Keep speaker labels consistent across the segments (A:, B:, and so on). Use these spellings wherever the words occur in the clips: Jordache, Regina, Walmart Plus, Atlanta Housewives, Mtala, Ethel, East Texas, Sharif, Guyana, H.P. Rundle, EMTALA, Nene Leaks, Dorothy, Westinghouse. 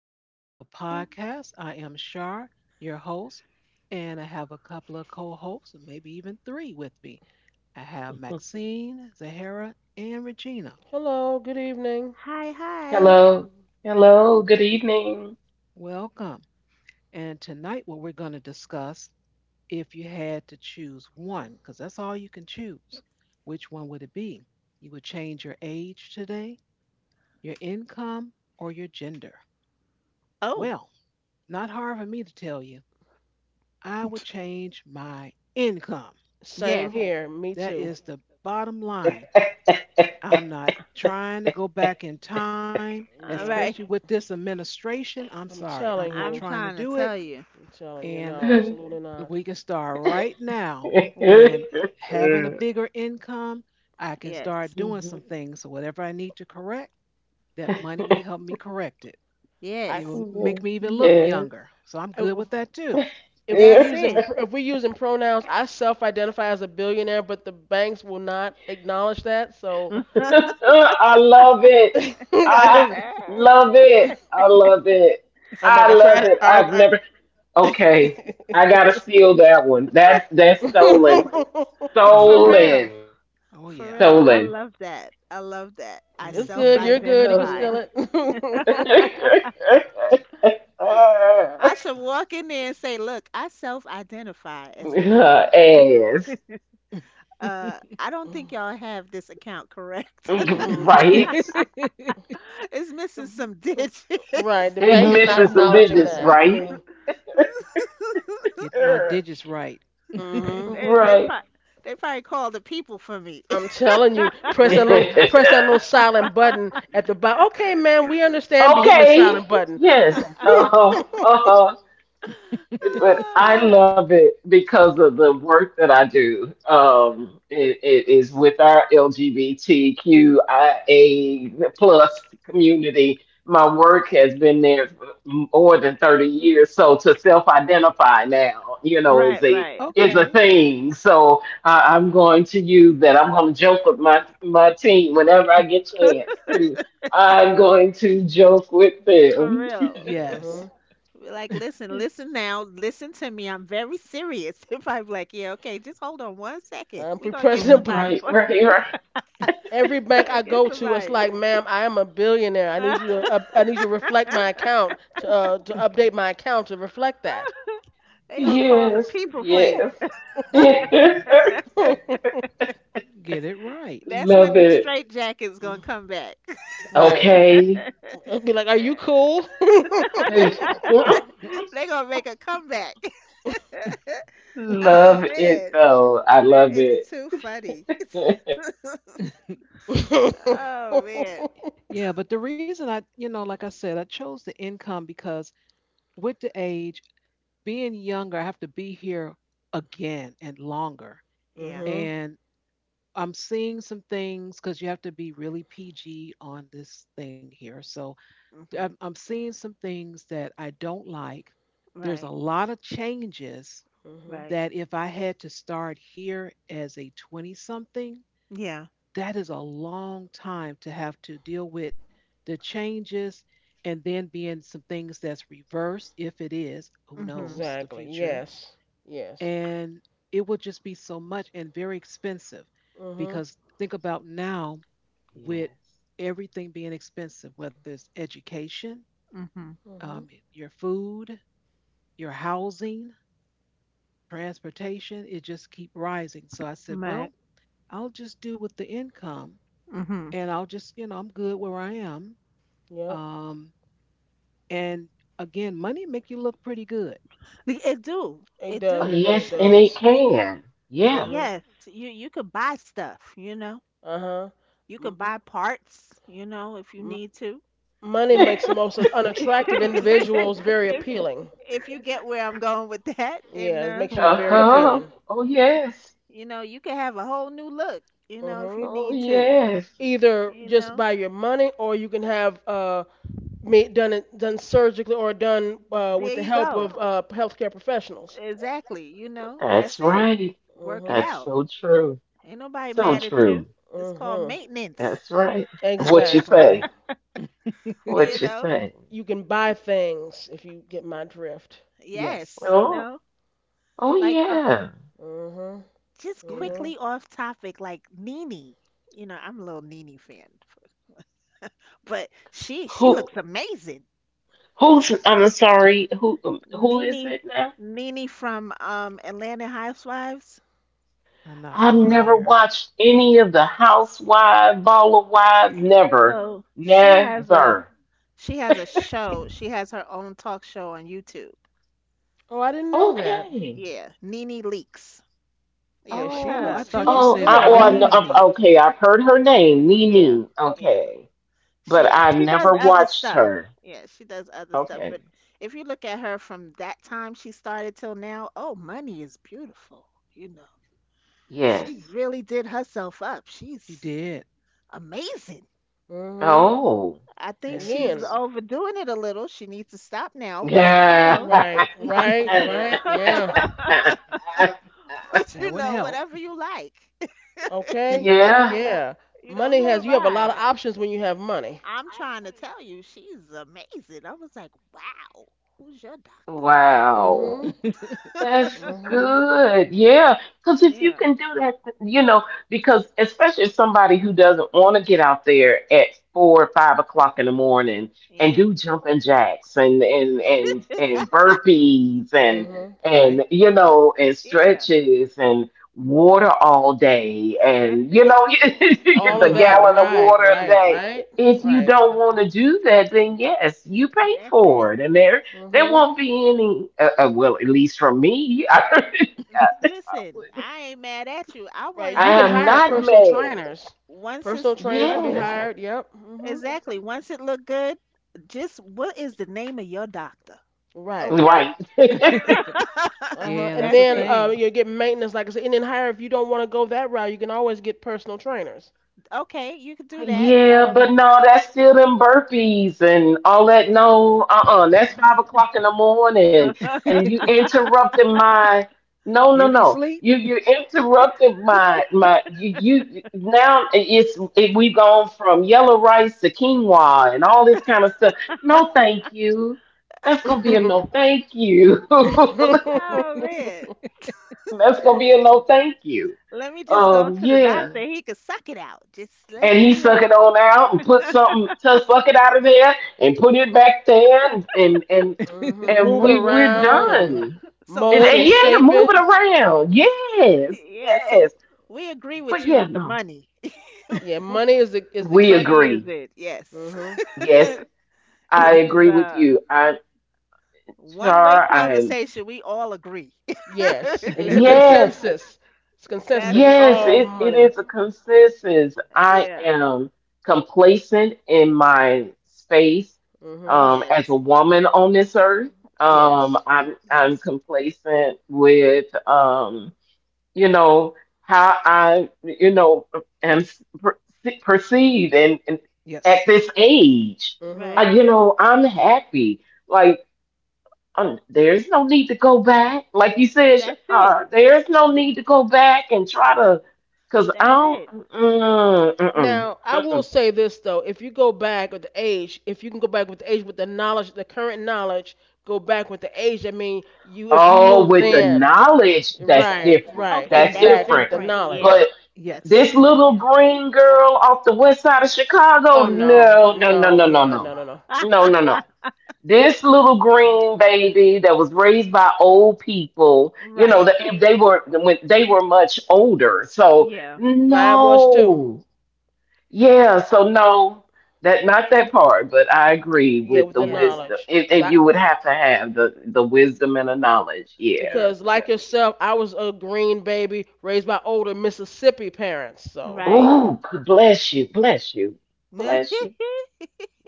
A: back to another
B: Greeting.
A: podcast. I am Shar, your host, and I have a couple of co hosts, maybe even three with me. I have Maxine, Zahara, and Regina.
C: "Hello, good evening."
B: Hi, hi.
D: Hello, hello, good evening.
A: Welcome. And tonight, what we're going to discuss if you had to choose one, because that's all you can choose, which one would it be? You would change your age today, your income, or your gender?
B: Oh,
A: Well, not hard for me to tell you. I would change my income.
C: "Same
B: yes.
C: here. Me
A: That
C: too."
A: is the bottom line. I'm not trying to go back in time,
B: All
A: especially
C: "No,
B: right.
A: with this administration. I'm
C: I'm
A: sorry, I'm
C: telling
A: not
B: I'm
C: you
A: trying to
B: trying to
A: do it.
B: tell you.
C: I'm telling you
A: And
C: no, absolutely
A: we
C: not.
A: can start right now.
B: We, eh,
A: And having a bigger income, I can
B: yes.
A: start doing
D: Mhm.
A: some things. So, whatever I need to correct, that money will help me correct it. It
C: I
A: will
B: Yes.
A: make me even look
D: Yes.
A: younger. So, I'm good
C: if
A: with that too.
B: That's
D: Yes.
B: it.
C: if we using pronouns, I self-identify as a billionaire, but the banks will not acknowledge that. So
B: For
D: I love it. I
C: I'm
D: love it. I love it.
C: like,
D: I
C: I
D: love
C: tried.
D: it. I've never
C: I,
D: Okay, I gotta steal that one. that's stolen.
A: Okay.
B: real.
D: Stolen.
A: Oh,
B: For
A: yeah.
B: real. I
D: Stolen.
B: love that. I love that. I
C: it's
B: self
A: Hmm.
C: good. You're good. You can
D: Stolen.
B: identify.
C: steal it."
B: I should walk in there and say, look, I self identify as a millionaire.
D: ass.
B: I don't think y'all have this account correct.
C: Mm.
D: Right?
B: It's missing some
C: Right.
B: digits.
C: The
D: He
C: bank is
D: missing
C: not
D: some
C: acknowledging
D: digits,
C: that.
D: right?
A: Get my digits right.
C: Hmm.
B: They they,
D: Right.
B: probably they probably called the people for me.
C: I'm telling you, press that little press that little silent button at the bottom. Okay, man, we understand. Be hitting the
D: okay.
C: silent button.
D: Yes. Uh huh. Uh huh. But
B: Oh
D: I
B: God.
D: love it because of the work that I do. It is with our LGBTQIA plus community. My work has been there for more than 30 years. So to self-identify now, is
B: Right,
D: a
B: right.
D: is a
A: Okay.
D: thing. So I'm going to use that. I'm going to joke with my team whenever I get chance to. I'm going to joke with
B: For
D: them.
B: real.
C: Hmm.
A: Yes,
B: Be like, listen, listen now, listen to me. I'm very serious. If I'm like, yeah, okay, just hold on one second.
C: I'm
B: We gonna
C: pressing
B: get
C: the
B: somebody
C: button.
D: Right,
B: for
D: right,
B: you.
D: right.
C: Every
B: We
C: bank
B: gonna
C: I
B: get
C: go to, it's
B: somebody.
C: like, ma'am, I am a billionaire. I need you to reflect my account to update my account to reflect that.
B: They gonna call the
D: Yes,
B: people for you.
D: yes.
A: get it right.
B: That's when
D: Love
B: the
D: it.
B: straight jacket's gonna come back.
C: Right.
D: Okay.
C: It'd be like, are you cool?
B: They gonna make a comeback.
D: Love
B: Oh
D: it
B: man,
D: though. I
B: that
D: love
B: is
D: it.
B: too funny.
C: Mhm.
B: Oh man.
A: Y- Yeah, but the reason I like I said, I chose the income because with the age, being younger, I have to be here again and longer.
B: Yeah.
A: And I'm seeing some things because you have to be really PG on this thing here. So I'm,
B: Mhm.
A: I'm seeing some things that I don't like. There's a
B: Right.
A: lot of changes
C: Mhm.
B: Right.
A: that if I had to start here as a 20 something,
B: Yeah.
A: that is a long time to have to deal with the changes and then being some things that's reversed if it is, who
B: Mhm.
A: knows, the
C: Exactly.
A: future.
C: Yes. Yes.
A: And it would just be so much and very expensive
C: Mhm.
A: because think about now with
D: Yes.
A: everything being expensive, whether it's education,
B: Mhm.
C: Mhm.
A: um, your food, your housing, transportation, it just keep rising. So I said,
B: Right.
A: well, I'll just do with the income
B: Mhm.
A: and I'll just I'm good where I am.
C: Yep.
A: Um, and again, money make you look pretty good.
B: Like, it do.
C: It
B: It
D: Oh,
C: does. It
B: do.
C: really
D: yes, and it
C: does.
D: can.
C: Mhm.
D: Yes.
B: Yes, you could buy stuff, you know.
C: Uh huh.
B: You could
C: M-
B: buy parts, you know, if you
C: m-
B: need to.
C: money
B: If
C: makes the most unattractive individuals very
B: if
C: appealing.
B: if you get where I'm going with that and
C: Yeah, it makes you very
B: you know,
D: Uh-huh.
C: appealing.
D: Oh,
B: y-
D: yes.
B: you know, you can have a whole new look, you know, if you
C: Mhm.
D: Oh,
B: need to.
D: yes.
C: Either
B: You
C: just
B: know,
C: by your money, or you can have made, done surgically, or done with
B: there
C: the
B: you
C: help
B: go.
C: of healthcare professionals.
B: Exactly. You know,
D: That's
B: that's it.
D: right.
B: Work it
C: Mhm.
D: That's
B: out.
D: so true.
B: Ain't nobody
D: So
B: mad at you.
D: true.
B: It's called
C: Mhm.
B: maintenance.
D: That's right. What you
C: Exactly.
D: say?
B: You
D: What you
B: know,
D: say?
C: You can buy things if you get my drift.
A: Yes.
B: yes, you
D: Oh,
B: know,
D: oh
B: like
D: yeah.
C: Mhm.
B: just
A: Yeah.
C: Mhm.
B: quickly off topic, like Nene. You know, I'm a little Nene fan, but she
D: Who?
B: looks amazing.
D: Who's, I'm sorry, who is
B: Nene.
D: it now?
B: Nene from Atlanta Housewives.
A: I'm not
D: I've never
A: familiar.
D: watched any of the Housewives, Baller Wives, never,
B: So
D: never.
B: she has a show. She has her own talk show on YouTube.
C: Oh, I didn't know that.
D: Okay.
B: Yeah, Nene Leaks. Yeah,
C: Yeah,
B: look her
C: she
A: Oh, I
C: looks
B: up.
C: she
A: thought you
C: looks
D: Oh,
A: said
D: I
C: good.
D: know,
A: me,
C: Yeah.
B: Yeah,
A: me.
D: okay, I've heard her name,
B: yeah,
D: Nene.
B: yeah.
D: Okay, but
B: She
D: I've
B: she does
D: never
B: other
D: watched
B: stuff.
D: her.
B: Yeah, she does other stuff.
D: Okay.
B: But if you look at her from that time she started till now, oh, money is beautiful. You know, she
D: Yes.
B: really did herself up.
A: She
B: She's
A: did.
B: amazing.
C: Mhm.
D: Oh.
B: I
A: Yeah,
B: think
A: she
B: she's
A: looks.
C: Again.
B: overdoing it a little. She needs to stop now. But you
D: Yeah.
B: know,
C: Right. Right.
B: but
C: Right. Yeah.
B: you
A: That would
B: know,
A: help.
B: whatever you like.
C: Okay.
D: Yeah.
C: Yeah.
B: You know,
C: Money
B: who
C: has
B: am
C: you have a lot
B: I?
C: of options when you have money.
B: I'm trying to tell you, she's amazing. I was like, wow, who's your doctor?
D: Wow.
C: Mhm.
D: That's
C: Mhm.
D: good. Yeah. Because if you
B: Yeah.
D: can do that, you know, because especially if somebody who doesn't want to get out there at 4 or 5 o'clock in the morning and
B: Yeah.
D: do jumping jacks and burpees and
C: Mhm.
A: Right.
D: and you know and
B: Yeah.
D: stretches and water all day
B: That's
D: and
B: it.
C: All of
D: the
A: Uh-huh.
C: that.
D: gallon of
C: Right.
D: water a
C: Right.
D: day.
C: Right.
D: If you
C: Right.
D: don't want to do that, then yes, you pay
B: That's
D: for
B: it.
D: it, and there. There
C: Mhm.
D: won't be any, well, at least from me. I
B: Listen, I ain't mad at you. I want
C: Right.
B: to
D: I
B: know
C: You can
B: what
D: am
C: hire
D: not
C: personal
D: mad.
C: trainers.
B: once it's
C: Personal trainers can
B: once
C: be
B: it
D: Yes,
C: hired. Yep. Mhm.
B: exactly once it look good. Just what is the name of your doctor?
C: Right.
B: Okay.
D: right.
C: Uh huh.
A: Yeah,
C: And
A: that's
B: That's
A: a
C: then
B: it.
A: thing.
C: you get maintenance, like I said, and then hire if you don't want to go that route, you can always get personal trainers.
B: Okay, you can do that.
D: Yeah, but no, that's still them burpees and all that. No, uh-uh, that's 5 o'clock in the morning, and you interrupting my. No, no,
A: Beauty
D: no.
A: sleep.
D: You you interrupted my. You now we've gone from yellow rice to quinoa and all this kind of stuff. No, thank you. That's gonna be a no, thank you.
B: Oh man.
C: Mhm.
D: That's gonna be a no, thank you.
B: Let me just go to the
D: Yeah.
B: doctor. He could suck it out. Just
D: And
B: let's
D: he
B: do
D: suck
B: that.
D: it on out and put something to suck it out of there and put it back there and
C: Move it
D: we're
C: around and
D: done.
B: So
D: And,
C: mold
D: and
C: and
B: money,
D: yeah,
C: shape
D: move
C: it.
D: it around. Yes,
B: yeah. So
D: yes.
B: we agree with
D: But
B: you
D: yeah,
B: with the
D: no,
B: money.
C: Yeah, money is the
D: we
C: key.
B: Money
D: agree.
B: is it? Yes.
C: Hmm.
D: Yes, I
B: This is
D: agree with
B: a
D: you. I
B: one-way
D: Char. I
B: conversation. We all agree.
C: Yes, it's
B: 'Cause
C: a
D: yes.
C: consensus. It's a consensus
B: that's
C: that we
D: Yes,
C: all
D: it
C: money.
D: is a consensus. I
B: yeah.
D: am complacent in my space
C: Hmm.
D: um, as
B: Yes.
D: a woman on this earth.
B: Yes.
D: Um,
C: Yes.
D: I'm I'm
A: Yes.
D: complacent with, you know how I am perceived and at
A: Yes.
D: this age,
C: Hmm.
B: Right.
D: I, you know I'm happy. Like, there's no need to go back. Like you said,
B: That's it.
D: there's no need to go back and try to, because I
B: That's
D: don't,
B: it.
D: mm, mm-mm,
C: Now, I will
D: mm-mm.
C: say this, though, if you go back with the age, if you can go back with the age with the knowledge, the current knowledge, go back with the age. I mean, you if you
D: Oh,
C: knew
D: with the
C: then,
D: knowledge, that's
C: right,
D: different.
C: right,
B: Okay,
D: That's
B: that's
C: exactly, with
D: different.
C: the
B: different. Yeah.
C: knowledge.
D: But
B: That's
A: Yes.
D: this
B: different.
D: little
B: Yeah.
D: green girl off the West Side of Chicago,
C: Oh no,
D: no, no, no,
C: no,
D: no, no,
C: yeah, no,
D: no.
C: no, no.
D: No, no, no. This little green baby that was raised by old people, you know, that
B: Right.
D: if they were when they were much older, so
B: Yeah.
C: Mine was too.
D: no. Yeah, so no, that not that part, but I agree
C: Yeah,
D: with
C: with
D: the
C: the
B: Yes.
D: wisdom.
C: knowledge,
D: if,
C: cause
D: if
C: I,
D: you would have to have the wisdom and the knowledge, yeah,
B: Yes.
C: because
D: yeah.
C: like yourself, I was a green baby raised by older Mississippi parents. So
B: Right.
D: Oh, bless you, bless you,
B: Yeah.
D: bless you.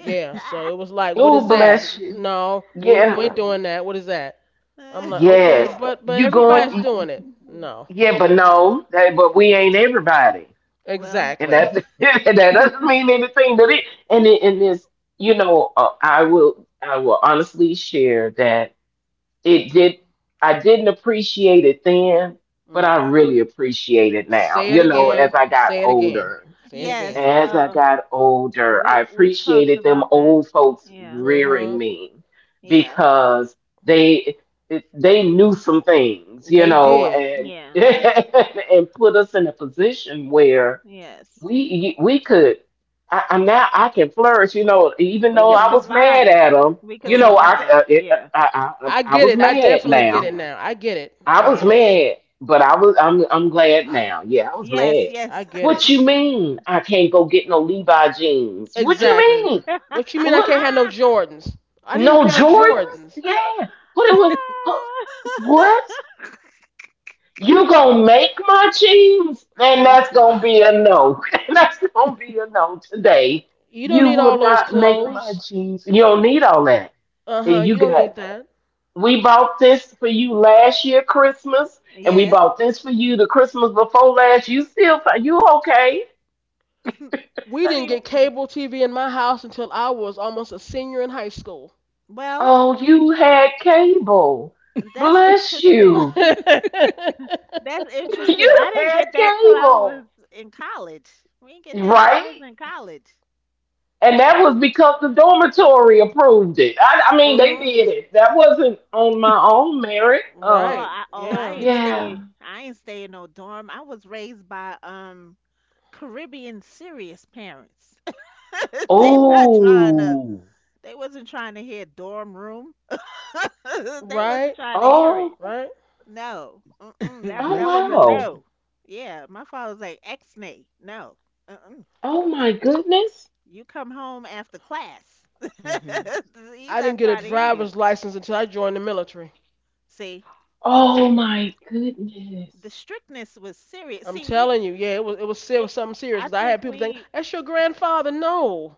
C: yeah, so it was like, what
D: Oh,
C: is that?
D: bless you.
C: No, we ain't,
D: Yeah.
C: we ain't doing that. What is that? I'm like, okay,
D: Yes.
C: but
D: You
C: everybody's
D: going,
C: doing it. No,
D: yeah, but no, that, but we ain't everybody.
B: Well,
D: And
C: exactly.
D: that and that doesn't mean anything that it and it and this, you know, I will honestly share that it did I didn't appreciate it then, but
C: Mm,
D: I
C: uh,
D: really appreciate it now,
C: Say it
D: you know,
B: yeah.
C: again. Say it again. Say it
B: Yes.
A: Yes.
C: again.
D: as I got older, I
B: We talked
D: appreciated them
B: about that.
D: old folks
B: Yeah.
D: rearing
C: Mhm.
D: me
B: Yeah.
D: because they they knew some things, you
C: They
D: know,
C: did.
D: and
B: Yeah.
D: and put us in a position where
B: Yes.
D: we could. I, I'm now I can flourish, you know, even
B: We
D: though
B: could
D: I
C: Mhm.
D: was mad
B: survive.
D: at them,
B: We could
D: you know,
C: Mhm.
B: survive.
D: I
B: Yeah.
D: I, I,
C: I
D: I
C: get
D: was
C: it. I
D: mad.
C: definitely get
D: Now
C: it now. I get it. I
D: I was
C: get
B: Yeah.
C: it.
D: mad, but I'm glad now. Yeah, I was
B: Yes.
D: mad.
C: I
B: Yes.
C: get it.
D: What you mean I can't go get no Levi jeans? What you
C: Exactly.
D: mean?
C: What you mean I
D: What,
C: can't have no Jordans? I need a
D: no
C: pair of
D: Jordans?
C: Jordans.
D: Yeah. What it was, huh, what? You gonna make my jeans? And that's gonna
B: Listen.
D: be a no. And that's gonna be a no today.
C: You don't
D: You
C: need all
D: will
C: those
D: not make my
C: clothes.
D: jeans. You don't need all that.
C: Uh
D: And
C: huh.
D: you
C: You don't
D: got
C: need that.
D: we bought this for you last year Christmas, and we
B: Yes.
D: bought this for you the Christmas before last. You still you okay?
C: We didn't
B: See,
C: get cable TV in my house until I was almost a senior in high school.
B: well,
D: Oh, you had cable.
B: that's
D: Bless
B: interesting.
D: you.
B: That's interesting.
D: You
B: I didn't
D: had
B: get that till I
D: cable,
B: was in college. We didn't get that till
D: right?
B: I was in college.
D: And that was because the dormitory approved it. I mean, they
C: Mhm.
D: did it. That wasn't on my own merit.
B: Oh,
C: Right.
B: I oh I
C: Yeah.
B: ain't
D: Yeah.
B: stay I ain't stay in no dorm. I was raised by Caribbean serious parents. they not trying to
D: Oh.
B: they wasn't trying to hear dorm room. They wasn't
C: Right.
B: trying to hear it.
D: Oh.
C: Right.
B: No. Mm-mm, that's
D: Oh
B: that
A: Bless
B: was a
A: you.
D: wow.
B: no. Yeah, my father was like ex nay. No. Uh-uh.
D: Oh my goodness.
B: You come home after class.
A: Hmm.
B: He's
C: I didn't
B: not
C: get a
B: trying to hear you.
C: driver's license until I joined the military.
B: See,
D: Oh my
B: the
D: goodness.
B: strictness was serious.
C: I'm
B: See, we,
C: telling you, yeah, it was,
B: it,
C: serious, something serious.
B: I
C: 'Cause I
B: think
C: had people think
B: we,
C: that's your grandfather. No,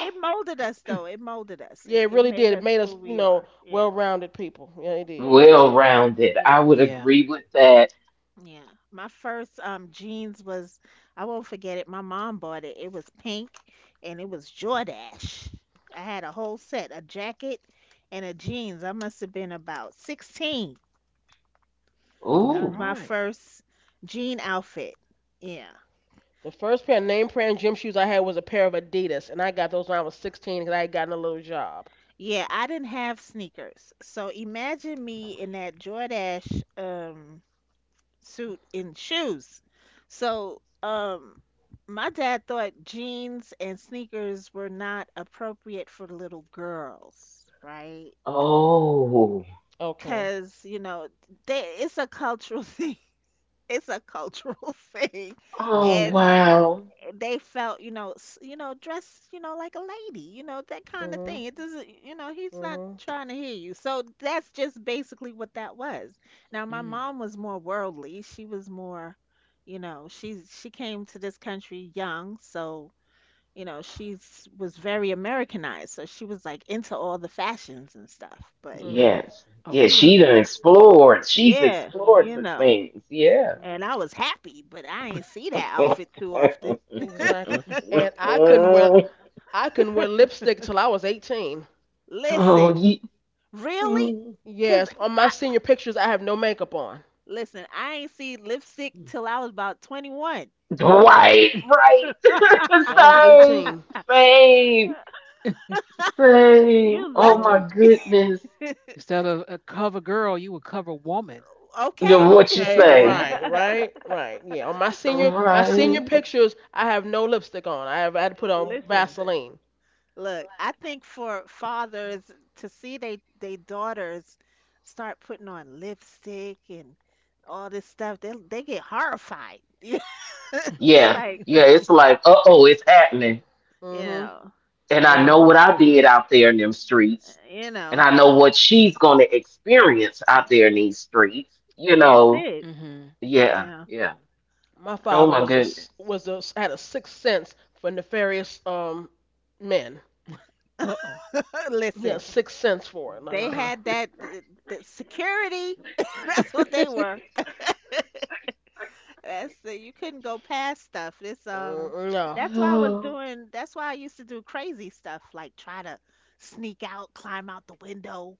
B: it molded us though. It molded us.
C: yeah,
B: It,
C: it
B: it
C: really
B: made
C: did. It
B: us
C: made us,
B: who
C: you
B: we
C: know,
B: are. Yeah,
C: well-rounded people. Yeah, it did.
B: yeah,
D: Well rounded. I
B: yeah,
D: would
A: Yeah.
D: agree with that.
B: yeah. My first jeans was, I won't forget it. My mom bought it. It was pink, and it was Jordache. I had a whole set, a jacket, and a jeans. I must have been about 16.
A: All
B: That was
D: Ooh.
B: my
A: right.
B: first jean outfit. Yeah.
C: The first pair of name brand gym shoes I had was a pair of Adidas, and I got those when I was 16 because I had gotten a little job.
B: Yeah, I didn't have sneakers. So imagine me in that Jordache suit and shoes. So my dad thought jeans and sneakers were not appropriate for little girls, right?
D: Oh.
C: Okay.
B: Cuz, you know, they, it's a cultural thing. It's a cultural thing.
D: Oh
B: And
A: Okay.
D: wow.
B: they felt, you know, you know, dress, you know, like a lady, you know, that kind of
C: Mhm.
B: thing. It doesn't, you know, he's not
C: Mhm.
B: trying to hear you. So that's just basically what that was. Now, my
A: Mm.
B: mom was more worldly. She was more, you know, she came to this country young, so you know, she's was very Americanized. So she was like into all the fashions and stuff. But
C: Mhm.
D: Yes. Yeah,
B: he was,
D: she
A: Okay.
D: done explored. She's
B: yeah,
D: explored
B: you
C: Mhm.
D: some
B: know.
D: things. Yeah.
C: Mhm.
B: And I was happy, but I ain't see that
D: Oh,
B: outfit too often.
C: Exactly. And I couldn't wear lipstick till I was 18.
B: Listen.
D: ye-
B: Really?
D: mm.
B: Cause
C: Yes, on my
B: I
C: senior pictures, I have no makeup on.
B: listen, I ain't see lipstick till I was about 21.
D: Right, right.
C: Yeah, I was
D: Same,
C: 18.
D: same, same.
B: You
D: Oh my
C: Hmm.
D: goodness.
A: Instead of a cover girl, you would cover woman.
D: You
B: okay?
D: know what you
C: Okay,
D: say?
C: right, right, right. Yeah, on my senior
D: Right.
C: pictures, I have no lipstick on. I had to put on
B: Listen.
C: Vaseline.
B: Look, I think for fathers to see they daughters start putting on lipstick and all this stuff, they get horrified. They
D: Yeah,
B: like,
D: yeah, it's like, uh-oh, it's happening.
B: you
C: Hmm.
B: know,
D: And I
B: uh,
C: Yeah.
D: know what I did out there in them streets.
B: you
D: And
B: know,
D: I know what she's gonna experience out there in these streets. You
B: that's
D: know,
B: it.
A: Mm-hmm.
B: You
D: yeah,
B: know.
D: yeah.
C: My
D: Oh
C: father
B: uh,
D: my
C: was a
D: goodness.
C: s- was a had a sixth sense for nefarious men.
A: Uh oh.
C: He had a
B: listen.
C: sixth sense for it. Like, uh
B: They
C: huh.
B: had that security. That's what they were. That's you couldn't go past stuff. It's
C: No.
B: that's why I was
D: Oh,
B: doing that's why I used to do crazy stuff like try to sneak out, climb out the window,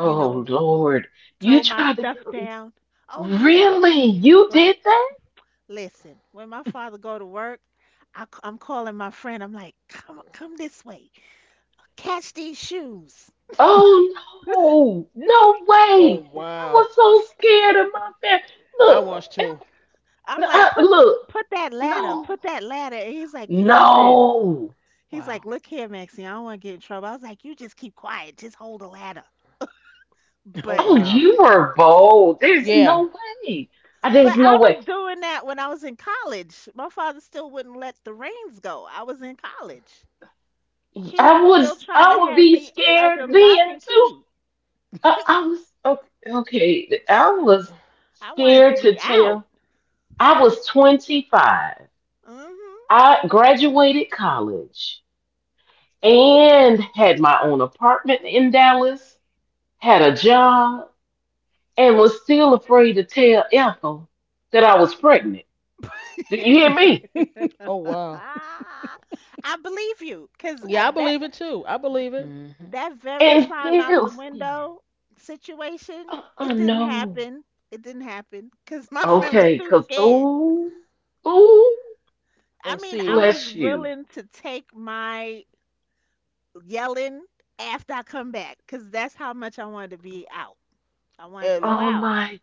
B: you know,
D: Lord. You
B: throw my
D: tried to
B: stuff
D: kill me.
B: down. Oh yeah.
D: Really? You
B: Like
D: did that?
B: listen, when my father go to work, I am calling my friend. I'm like, "Come this way. Catch these shoes."
D: Oh no. No
C: Oh
D: way. I
C: wow.
D: was so scared of my family.
C: I
D: Look.
C: was too.
B: I'm like, "Put th-
D: Look,
B: put that ladder,
D: no,
B: put that ladder." And he's like, "Listen,"
D: no.
B: he's
A: Wow.
B: like, "Look here, Maxie. I don't want to get in trouble." I was like, "You just keep quiet. Just hold the ladder."
C: Oh
B: But
D: Oh,
C: wow.
D: you were bold. There's
C: Yeah.
D: no way. There's no
B: I
D: way.
B: was doing that when I was in college. My father still wouldn't let the reins go. I was in college. He was still trying
D: I
B: to
D: would
B: have
D: be
B: me
D: scared
B: under lock
D: then
B: and
D: too.
B: key.
D: I was okay, okay. I was
B: I wanted
D: scared
B: to
D: to
B: be out.
D: tell. I was 25.
B: Mhm.
D: I graduated college and had my own apartment in Dallas, had a job, and was still afraid to tell Ethel that I was pregnant. Do you hear me?
C: Oh wow.
B: Ah, I believe you, cause
C: Yeah, I
B: that
C: believe it too. I believe it.
A: Mm-hmm.
B: that very
D: And
B: climb out
D: still
B: the
D: scared.
B: window situation,
D: Uh-uh,
B: it didn't
D: no.
B: happen. It didn't happen, cause my friend was
D: Okay,
B: too
D: because,
B: scared.
D: oh,
B: I
C: And
B: mean, I
C: see,
B: was
D: bless you.
B: willing to take my yelling after I come back because that's how much I wanted to be out. I wanted to
C: and
B: go
D: Oh,
B: out.
D: my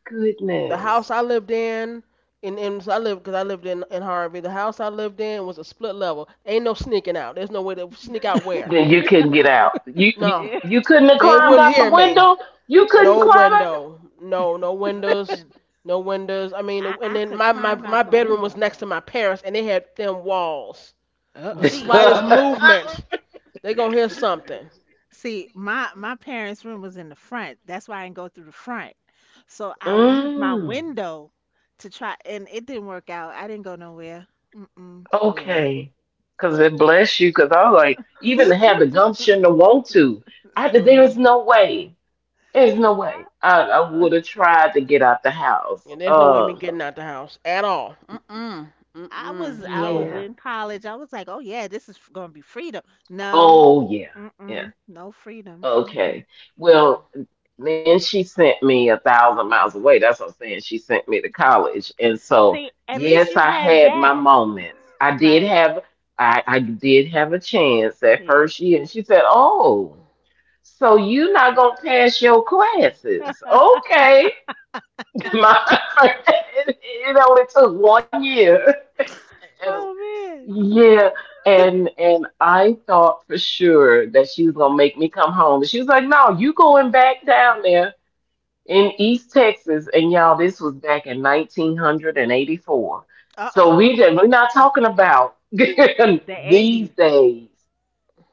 C: the house
D: goodness.
C: I lived in, and so I lived, because I lived in Harvey. The house I lived in was a split level. Ain't no sneaking out. There's no way to sneak out where.
D: Then you couldn't get out.
C: No,
B: Yeah.
D: You couldn't have
C: they
D: climbed
C: would
D: out the
C: hear me.
D: window. You couldn't
C: No
D: climb out
C: window. No, no windows.
B: Listen,
C: No windows. I mean,
B: I,
C: and
B: I
C: then
B: could
C: my my
B: climb
C: my
B: out the
C: bedroom was
B: window.
C: next to my parents, and they had thin walls.
A: Uh
C: The
D: the
A: oh.
B: See,
C: slightest movement, they gonna hear something.
B: my my parents' room was in the front. That's why I didn't go through the front. So I would use my
D: Mm,
B: window to try, and it didn't work out. I didn't go nowhere. Mm-mm.
C: Mm,
D: okay. Because it bless you, because I was like, even to have the gumption to want to. There
C: mhm.
D: is no way. There's no
B: I,
D: way. I
B: I,
D: would have tried to get out the house.
C: And there's no way me getting out the house at all. Mm-mm.
B: I
C: Mm-mm.
B: was I
C: No.
B: was
D: Yeah.
B: in college. I was like, oh yeah, this is gonna be freedom. No,
D: Oh, yeah. Yeah.
B: mm-mm, no freedom.
D: Okay.
B: Mm-mm.
D: Well, then she sent me 1,000 miles away. That's what I'm saying. She sent me to college. And so,
B: See, at least
D: yes,
B: you
D: I
B: had
D: had my
B: that,
D: moments. I did
B: right?
D: have I, I did have a chance that
B: Yes.
D: first year. And she said, oh, so you're not gonna pass your classes. Okay. My, it only took 1 year.
B: Oh man.
D: Yeah, and I thought for sure that she was gonna make me come home. But she was like, "No, you going back down there in East Texas." And y'all, this was back in 1984.
B: Uh
D: So
B: oh.
D: we did, we're not talking about
B: The
D: these
B: eighties.
D: days.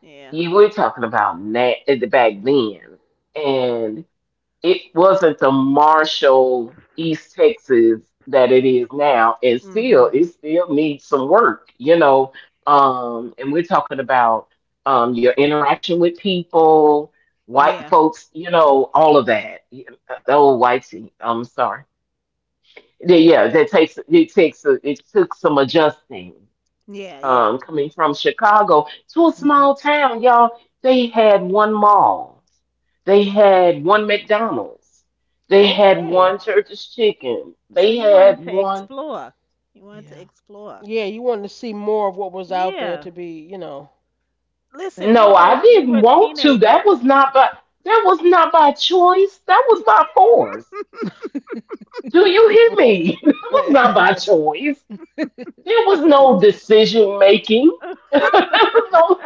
B: Yeah.
D: Yeah, we're talking about back then. And it wasn't the Marshall, East Texas that it is now, and still
B: Mhm.
D: it still needs some work, you know. And we're talking about your interaction with people, white
B: Yeah.
D: folks, you know, all of that. Oh, whitey, I'm sorry. Yeah, yeah, that takes it took some adjusting,
B: Yeah. Yeah.
D: coming from Chicago to a
A: Hmm.
D: small town, y'all, they had one mall. They had one McDonald's. They had
C: Okay.
D: one Church's Chicken.
B: So
D: They
B: you wanted
D: had
B: to
D: one.
B: explore. You wanted to
A: Yeah.
B: explore.
C: Yeah, you wanted to see more of what was out there
B: Yeah.
C: to be.
B: Listen, we
D: No,
B: were
D: I
B: we
D: didn't
B: were
D: want to.
B: teenagers.
D: That was not by choice. That was by force. Do you hear me? That was not by choice. There was no decision making. There was no,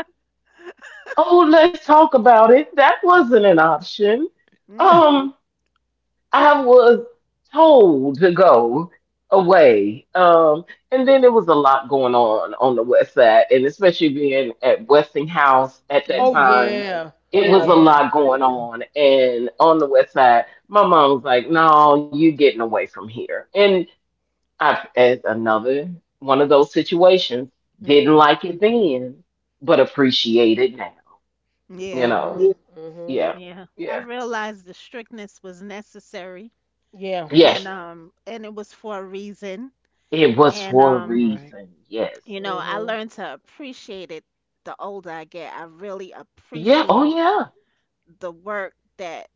D: oh, let's talk about it. That wasn't an option.
B: Mhm.
D: Um. I was told to go away. And then there was a lot going on the West Side, and especially being at Westinghouse at that
C: Oh
B: Mhm.
D: time,
C: yeah.
D: it was, yeah, a
C: Yeah.
D: lot going on. And on the West Side, my mom was like, "No, you getting away from here." And I, as another one of those situations, didn't
A: Mm-hmm.
D: like it then, but appreciate it now. You
B: Yeah.
D: know,
C: Mhm.
D: yeah,
C: Mhm.
D: yeah,
B: Yeah. I
D: yeah,
B: realized the strictness was necessary,
C: Yeah.
B: and
D: yes,
B: um, and it was for a reason,
D: it was
B: and
D: for a
B: um,
A: Right.
D: reason. Yes.
B: you know, I
C: Mhm.
B: learned to appreciate it. The older I get, I really
D: Yeah, oh
B: appreciate
D: yeah.
B: the work that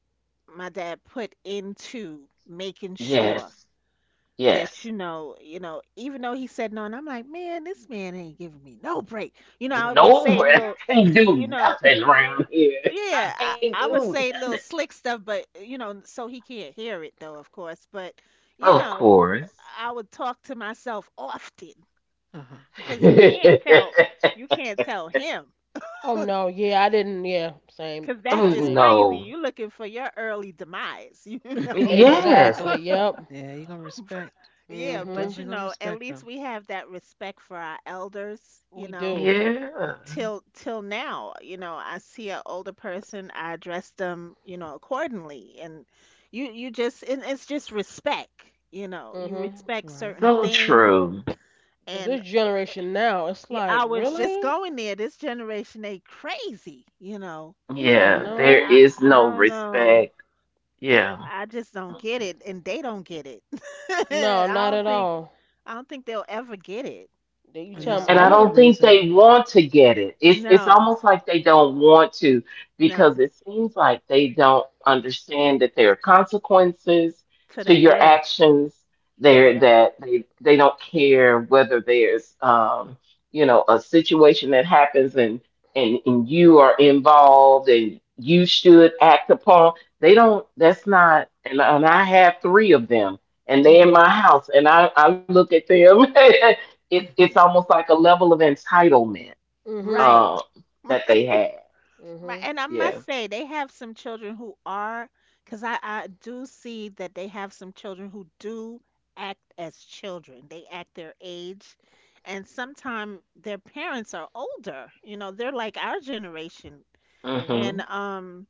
B: my dad put into making sure
D: Yes,
B: that,
D: yes.
B: you know, even though he said no, and I'm like, man, this man ain't giving me no break. You know, I
D: No
B: would say
D: one
B: little,
D: can do
B: you know,
D: nothing around here. I
B: yeah,
D: can't
B: I would
D: do
B: say
D: nothing.
B: little slick stuff, but you know, so he can't hear it though, of course. But you
D: Of
B: know,
D: course.
B: I would talk to myself often
A: Uh huh.
B: because you can't tell him
C: Oh no. Yeah, I didn't. Yeah. Same.
B: because that's
D: Oh
B: just
C: Same.
B: crazy.
D: no.
B: You looking for your early demise.
D: Yes.
C: Exactly. Yep.
A: Yeah, you're gonna
B: You know?
A: respect. You
B: Yeah,
A: are
C: Mhm.
B: but you
A: definitely gonna
B: know, at
A: respect
B: least
A: them,
B: we have that respect for our elders, you
C: We
B: know,
C: do.
D: Yeah.
B: till till now. You know, I see an older person, I address them, you know, accordingly, and you just, and it's just respect. You know, you
C: Mhm.
B: respect
A: right?
B: certain
D: So
B: things,
D: true.
C: Cause
B: and
C: this generation now, it's
B: yeah,
C: like,
B: I was just
C: really?
B: going there. This generation, they crazy, you know.
C: Yeah,
D: Yeah, there
C: no.
B: i
D: is
B: i
D: no
B: don't know.
D: respect. Yeah.
B: I just don't get it, and they don't get it.
C: No,
B: I
C: not
B: don't
C: at
B: think,
C: all.
B: I don't think they'll ever get it,
C: That you
A: And
B: you
C: tell me
A: that's
D: And
B: know.
D: I
C: I'm a.
A: another
D: don't think
A: reason.
D: they want to get it. It's
B: No.
D: almost like they don't want to
B: No.
D: because it seems like they don't understand that there are consequences
B: To
D: to
B: that,
D: your
B: yes.
D: actions. There
B: Yeah.
D: that they don't care whether there's a situation that happens, and and you are involved and you should act upon. They don't. That's not. And I have three of them, and they are in
B: Hmm.
D: my house and I look at them it's almost like a level of entitlement
C: Mhm.
B: Right.
D: um that they have.
B: Right,
C: Mhm.
B: and I must
D: Yeah.
B: say they have some children who are, because I do see that they have some children who do act as children. They act their age, and sometimes their parents are older. You know, they're like our generation,
C: Mhm.
B: and
D: Mhm.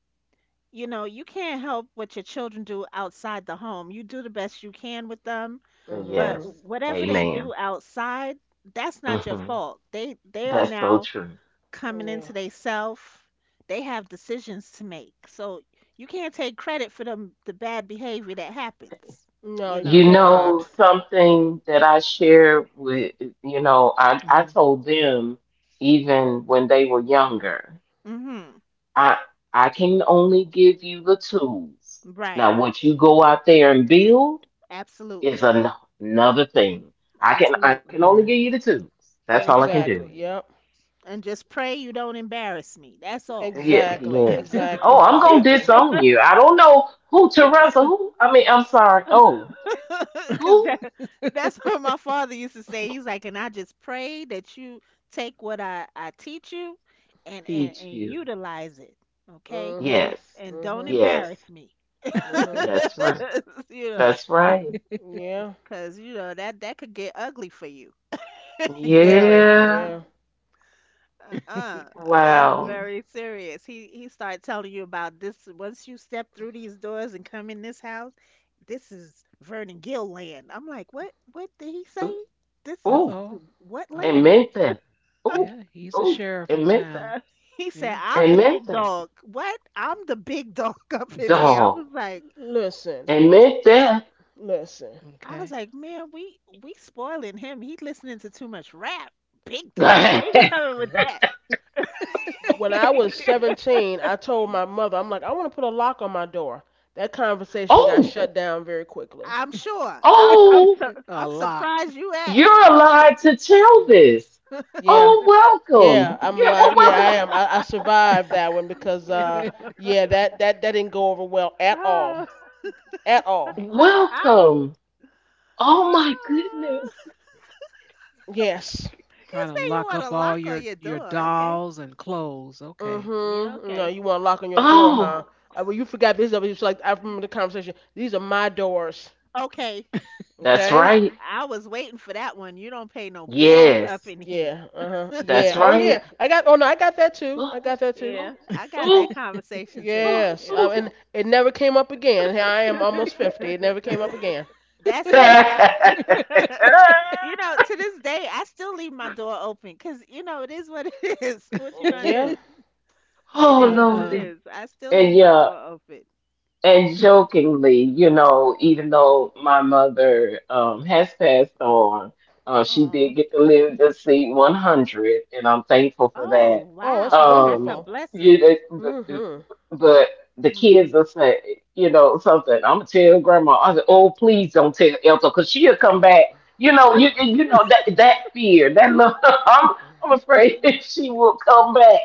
B: you know, you can't help what your children do outside the home. You do the best you can with them,
C: Mhm.
B: but
D: Yes.
A: True.
B: whatever they do
D: Amen.
B: outside, that's not your
D: Mhm.
B: fault. They are
D: That's so
B: now
D: true.
B: coming
C: Yeah.
B: into they self, they have decisions to make. So you can't take credit for them the bad behavior that happens.
C: No,
B: You
C: you
D: You
B: know.
D: know
C: cannot.
D: something that I share with, I
A: Mm-hmm.
D: told them even when they were younger.
B: Mhm.
D: I I can only give you the tools.
B: Right.
D: Now what you go out there and build is
B: Absolutely.
D: an- another thing. I can
B: Absolutely.
D: only give
A: Right.
D: you the tools. That's all I can do.
C: Exactly.
B: Absolutely.
C: Yep.
B: And just pray you don't embarrass me. That's all.
D: Yeah,
C: Exactly.
D: yeah. Oh,
C: Exactly.
D: I'm gonna
C: Exactly.
D: disown you. I don't know who to wrestle. Who? I mean, I'm sorry. Oh,
B: Cuz
D: who
B: that's what my father used to say. He's like, "And I just pray that you take what I teach you and and
D: teach
B: and
D: you?
B: utilize it, okay?
C: Mhm
D: Yes,
B: And don't
C: mhm
D: yes.
B: embarrass me."
C: mhm
D: That's right.
B: you know,
D: That's right.
C: yeah.
B: because you know that that could get ugly for you.
C: Very
D: Yeah.
C: yeah.
B: Uh-uh, that's
D: Wow.
C: Mhm.
B: very serious. He started telling you about this once you step through these doors and come in this house. This is Vernon Gill land. I'm like, what? What did he say?
D: Ooh,
B: This
A: Uh
B: is
D: ooh,
A: oh.
B: what
A: Uh
D: and
B: land?
A: oh.
D: meant that. Ooh,
A: Yeah, he's a
D: ooh,
A: sheriff in
D: and meant that.
A: town.
B: Uh, he said,
A: Yeah.
B: I'm the
D: And meant
B: big
D: that.
B: dog. What? I'm the big dog up in here. I
D: Dog.
B: was like,
C: Listen,
D: And meant that.
C: listen.
B: I was
A: Okay.
B: like, man, we spoiling him. He listening to too much rap. Big
A: Uh,
B: dog. Where he coming with that?
C: When I was 17, I told my mother, I'm like, I want to put a lock on my door. That conversation got
D: Oh,
C: shut down very quickly.
B: I'm sure. I'm I'm
D: oh.
B: su-
A: a
B: I'm
A: lock.
B: surprised you asked.
D: You're allowed to tell this.
C: Yeah,
D: Oh,
C: Yeah,
D: welcome.
C: I'm
D: Yeah, well,
C: alive. Yeah,
D: welcome.
C: I am. I survived that one because yeah, that that that didn't go over well at all.
B: you
C: At all.
B: say
D: Welcome. Oh, my goodness.
C: Yes.
A: Trying to
B: you
A: lock
B: want a
A: up all
B: lock on
A: your
B: your
A: your
B: door. Okay.
A: dolls and clothes. Okay.
B: Yeah,
C: Mm-hmm. No,
B: okay.
C: you want to lock on your door,
D: Oh,
C: huh? Well, you forgot this. It was like I remember the conversation. These are my doors.
B: Okay.
D: that's
C: Okay.
D: right.
B: I was waiting for that one. You don't pay no bills up
D: Yes,
B: in here.
C: Yeah. Uh-huh. Yeah.
D: that's
C: Oh
D: right.
C: yeah. I got. Oh no, I got that too.
D: Oh,
C: I got that too.
B: Yeah.
D: oh,
B: I got that
D: oh,
B: conversation too.
D: oh,
C: Yes.
B: Yeah.
D: oh.
C: And it never came up again. Here I am, almost 50. It never came up again.
B: That's it. you know, to this day I still leave my door open cuz you know it is what it is. What you
A: Uh.
B: going to
C: Yeah.
B: do? It
D: Oh,
B: is
C: Yeah.
B: what it
A: Uh.
D: Lordy.
B: is. I still leave
D: And
B: my
D: yeah.
B: door open.
D: And jokingly, you know, even though my mother has passed on, she
B: Oh,
D: did get to live to see 100, and I'm thankful for
B: oh,
D: that.
C: Oh, that's
B: wow, that's
D: Um,
B: a
C: wonderful.
D: you
B: blessing.
D: know, but,
C: Mm-hmm.
D: but the
B: Hmm.
D: kids will say, you know, something. I'm gonna tell grandma. I said, oh, please don't tell Elsa, cause she'll come back. You know, you know that that fear, that love. I'm afraid she will come back.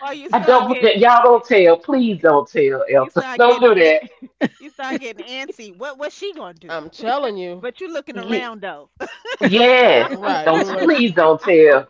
B: Or you
D: I
B: start
D: don't.
B: get,
D: Y'all
B: y-
D: don't tell. Please don't tell,
B: you
D: Elton.
B: start
D: Don't
B: getting,
D: do that.
B: an- you start getting antsy. What, what's she gonna do?
C: I'm telling you,
B: But you looking
D: Ye-
B: around though.
D: Yes.
C: right? You
D: Don't.
C: know, sh-
D: Please don't tell.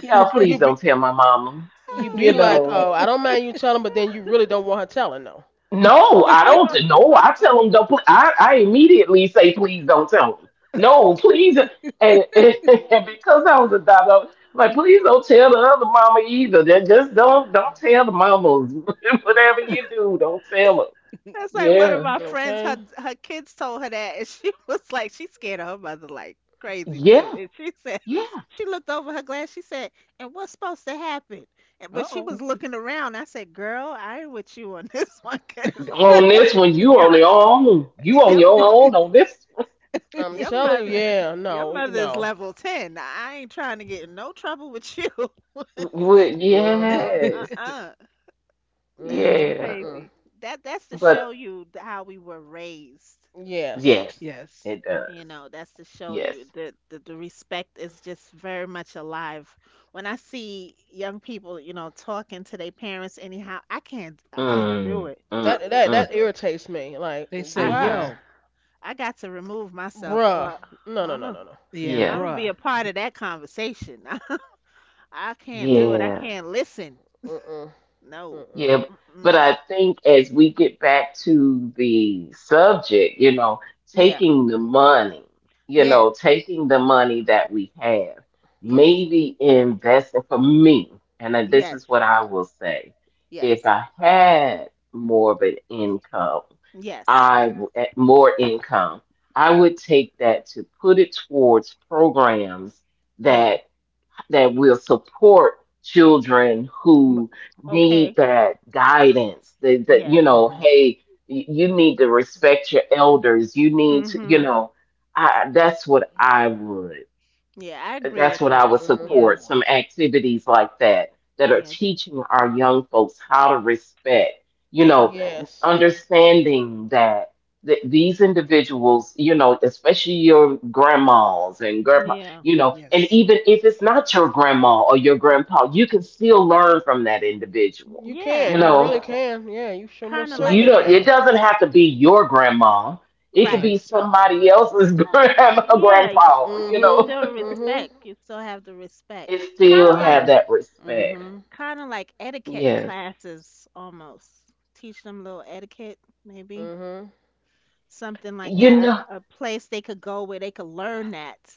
D: Y'all.
C: you
D: Please
C: be
D: don't tell my mama.
C: you be
D: You
C: like,
B: Oh
D: know.
C: oh, I don't mind you telling, but then you really don't want her telling, though.
D: No, I
B: God.
D: don't. No, I tell them don't. I immediately say please don't tell them. No, please. And because I was a daughter, I'm like please don't tell the other mama either. Then just don't tell the mamas. Whatever you do, don't tell them.
B: That's like one of
D: Yeah.
B: my friends. Her
C: Okay?
B: her kids told her that, and she was like, she scared of her mother like crazy
D: Yeah.
B: too. And she said, she looked over her glass. She said, "And what's supposed to happen?" And
A: Uh
B: but she
A: oh.
D: Yeah.
B: was looking around. I said, "Girl, I ain't with you on this one, cause
D: On this one, you
B: your
D: on your own. You on
B: your
D: your own on this
C: I'm
B: your
C: telling you,
B: mother."
C: yeah,
B: Your
C: no,
B: mother is
C: no.
B: level 10. I ain't trying to get in no trouble with you. uh-uh.
D: one. Well,
C: Mhm,
D: yes,
B: That was
C: mhm,
D: yeah,
C: mm
B: crazy. That's to show
D: but
B: you how we were raised.
C: Yes,
D: yes,
A: Yes.
D: it
B: You
D: does.
B: know, that's to show
D: Yes.
B: you that the respect is just very much alive. When I see young people, you know, talking to their parents anyhow, I can't do
D: Mm,
B: it.
D: mm,
C: that that
D: mm,
C: that irritates me. Like,
A: They say
B: I I,
C: why,
A: yo.
D: hmm.
B: I got to remove myself,
C: bruh?
B: or,
C: No,
B: or
C: no,
B: I'm
C: no,
B: a
C: no, no.
A: Yeah, and
B: I'm
D: Yeah,
B: gonna be
A: bruh.
B: a part of that conversation. I can't do it. I
D: yeah.
B: can't listen.
C: Mm-mm,
B: No.
D: Yeah, but
B: Mm-mm.
D: I think as we get back to the subject, you know,
B: Yeah.
D: taking the money, you
B: Yes.
D: know, taking the money that we have,
B: Yes.
D: maybe investing for me, and then this
B: Yes.
D: is what I will say. If
B: Yes.
D: I had more of an income,
B: Yes.
D: more income, I would take that to put it towards programs
B: Yeah.
D: that will support children
B: M-
D: who need
B: Okay.
D: that guidance, that,
B: Yes.
D: you know,
A: Hmm.
D: hey, you need to respect your elders, you need to, you
B: Hmm.
D: know, that's what I would,
B: Yeah, I agree
D: that's
B: with
D: what I
B: that.
D: would
B: Yeah.
D: support,
C: mhm.
D: some activities like that, that are
B: Yeah.
D: teaching our young folks how to respect, you
B: Yes.
D: know,
C: Yes,
D: understanding that. These individuals, you know, especially your grandmas and grandpa,
B: Yeah.
D: you know, and
A: Yes.
D: even if it's not your grandma or your grandpa, you can still learn from that individual.
C: you
D: You
C: can.
B: Yeah.
C: You
D: know,
C: really can. Yeah, you sure
B: Kind
C: most
B: of
D: you
B: like
C: certainly
D: don't. It
C: can.
D: doesn't have to be your grandma. It could
A: Right.
B: right.
D: be somebody else's grandma,
B: Yeah, y-
D: grandpa. You
B: you
C: Mhm,
D: know,
B: still
C: mhm.
B: respect. You still have the respect.
D: it
B: Kind
D: still
B: of like
D: have
C: Yeah.
D: that respect.
C: Mhm,
B: kind of like etiquette
D: Yes.
B: classes almost. Teach them little etiquette maybe.
C: mhm.
B: Something like
D: You
B: that.
D: know,
B: A place they could go where they could learn that,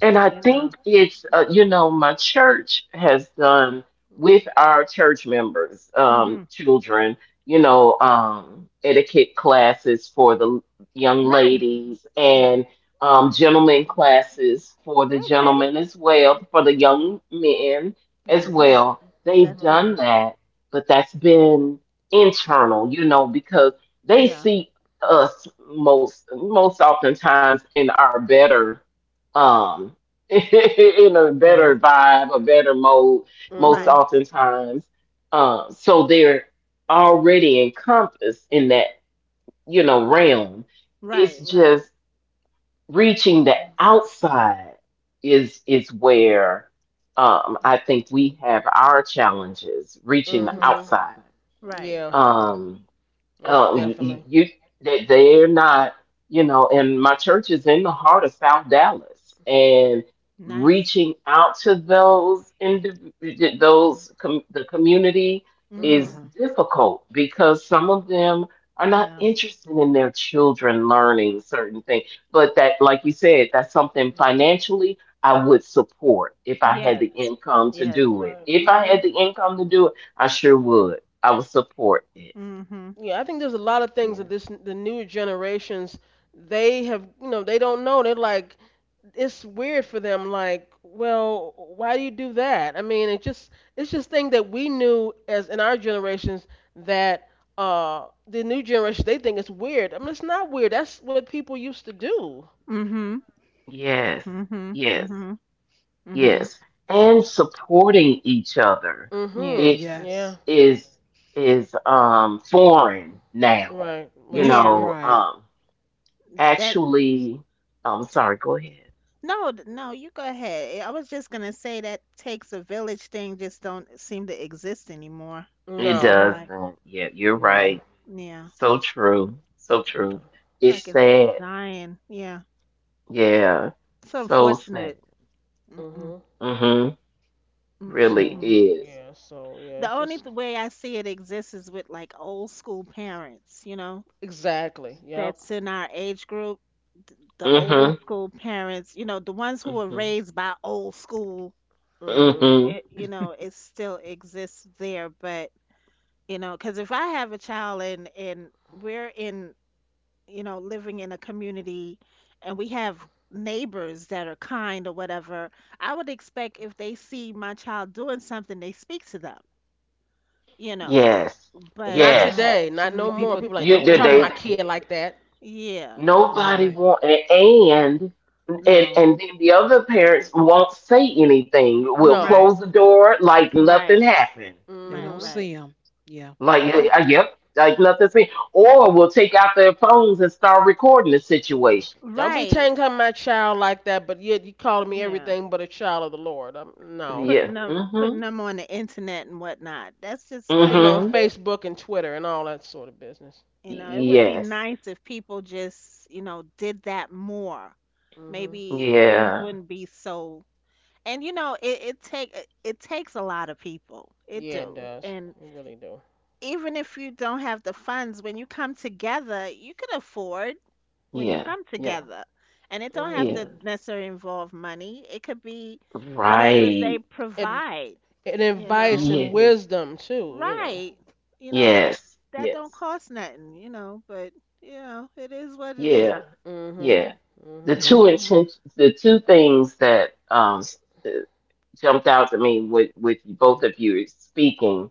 D: and I
B: you
D: think
B: know.
D: it's, you know, my church has done with our church members,
B: Mhm.
D: children, you know, etiquette classes for the young
B: Nice.
D: ladies and
B: Nice.
D: gentlemen classes for the
B: Okay.
D: gentlemen as well, for the young men as
B: Oh,
A: Nice.
D: well. They've
B: that's
C: Mhm.
D: done
B: nice.
D: that, but that's been internal, you know, because they
B: Yeah.
D: see us most oftentimes in our better um in a better
A: Right.
D: vibe, a better mode, most
B: Right.
C: Mhm.
D: oftentimes. So they're already encompassed in that, you know, realm.
B: Right,
D: It's
B: right.
D: just reaching the outside is where I think we have our challenges reaching the
B: Mhm.
C: Mhm.
D: outside.
B: Right.
C: Yeah,
D: Um,
C: most
D: you,
C: definitely.
D: you they're not, you know, and my church is in the heart of South Dallas, and
B: Nice.
D: reaching out to the community
A: Uh
D: is
C: Mhm.
B: Mhm.
A: huh.
D: difficult because some of them are not
B: Yeah.
D: interested in their children learning certain things. But that, like you said, that's something financially I would support if I had the
B: Yes.
D: income to
B: Yes.
D: do it.
C: Right.
D: If I had
C: Mhm.
D: the income to do it, I sure would. I would support it.
B: Mhm.
C: Yeah, I think there's a lot of things that
D: Yeah.
C: this the newer generations they have, they don't know. They're like, it's weird for them like, well, why do you do that? I mean, it's just thing that we knew as in our generations that the new generation, they think it's weird. I mean, it's not weird. That's what people used to do.
B: Mhm.
D: Yes,
B: Mhm.
D: yes,
B: Mhm. Mhm.
D: yes. And supporting each other
B: Yeah.
C: Mhm.
D: it's
C: Yeah.
A: Yes.
D: is is foreign now.
C: Right,
D: You
C: right.
B: Yeah.
C: Yeah.
D: know,
A: Right.
B: That
D: actually, oh, I'm sorry, go ahead.
B: No, you go ahead. I was just gonna say that takes a village thing just don't seem to exist anymore. It
D: It
C: No.
B: seemed like,
D: doesn't. Yeah, you're
C: No.
D: right.
B: yeah,
D: So true. So true.
B: it's
D: It's
B: like it's
D: sad.
B: dying. Yeah,
D: Yeah.
B: it's
D: So sad.
B: unfortunate.
C: Mm-hmm.
B: Mm-mm,
D: Mm-hmm.
A: Yeah.
D: Really
C: So
B: mm-mm-mm.
D: is.
C: yeah, so yeah,
B: The
C: it's
B: only
C: just
B: way I see it exists is with like old school parents, you know,
C: exactly. Yep.
B: that's in our age group, the older
D: Mm-hmm.
B: school parents, you know, the ones who were
D: Mm-hmm.
B: raised by old school,
C: Mm-hmm.
D: Mm-hmm.
B: it, you know, it still exists there. But, you know, because if I have a child and, we're in, you know, living in a community and we have neighbors that are kind or whatever, I would expect if they see my child doing something, they speak to them, you know.
D: Yes.
C: But not
B: But
A: Yeah.
D: Yes.
C: today,
A: So
C: not
A: many
C: no
A: people.
C: more. People like, don't
D: You
C: be
D: did
C: talking to
A: Right.
D: they.
C: my kid like that.
B: yeah,
C: Right.
D: Nobody
A: Right.
D: want and
B: no.
D: and then the other parents won't say anything. Will
C: No.
B: Right,
D: close the door like
B: right,
D: nothing happened.
A: They
B: right,
A: don't
C: Mm-hmm.
B: right,
A: see them. Yeah.
D: Like
C: Don't be,
B: right.
D: yep, like nothing's been. Or will take out their phones and start recording the situation.
C: don't be
B: Right.
C: talking to my child like that. But yet you calling me
B: Yeah.
C: everything but a child of the Lord. No.
B: Putting
D: Yeah.
B: them putting
D: Mhm.
B: them on the internet and whatnot. That's just
C: Putting on
B: crazy.
D: Mhm.
C: Facebook and Twitter and all that sort of business.
B: You know, it would be
D: Yes.
B: nice if people just, you know, did that more.
C: Mm-hmm.
B: Maybe things
D: Yeah.
B: wouldn't be so and you know, it take it it takes a lot of people. It
C: Yeah, it
B: do.
C: does.
B: And
C: It really do.
B: even if you don't have the funds, when you come together, you can afford when you
D: Yeah.
B: come
D: Yeah.
B: together. And it don't have
C: Mm-hmm.
D: Yeah.
B: to necessarily involve money. It could be whatever they
D: Right.
C: And,
B: provide,
C: and
B: you
C: advice
B: know.
C: and,
D: Yeah.
C: mhm, wisdom too.
B: Right. You know, that
D: Yes.
B: that don't
D: Yes.
B: cost nothing, you know, but you know, it is what it
D: Yeah.
B: is.
C: Mm-hmm.
D: Yeah. The
C: Mm-hmm.
A: It,
D: two
A: it,
B: Yeah.
D: intentions, the two things that uh, jumped out to me with both
A: mhm.
D: of you speaking.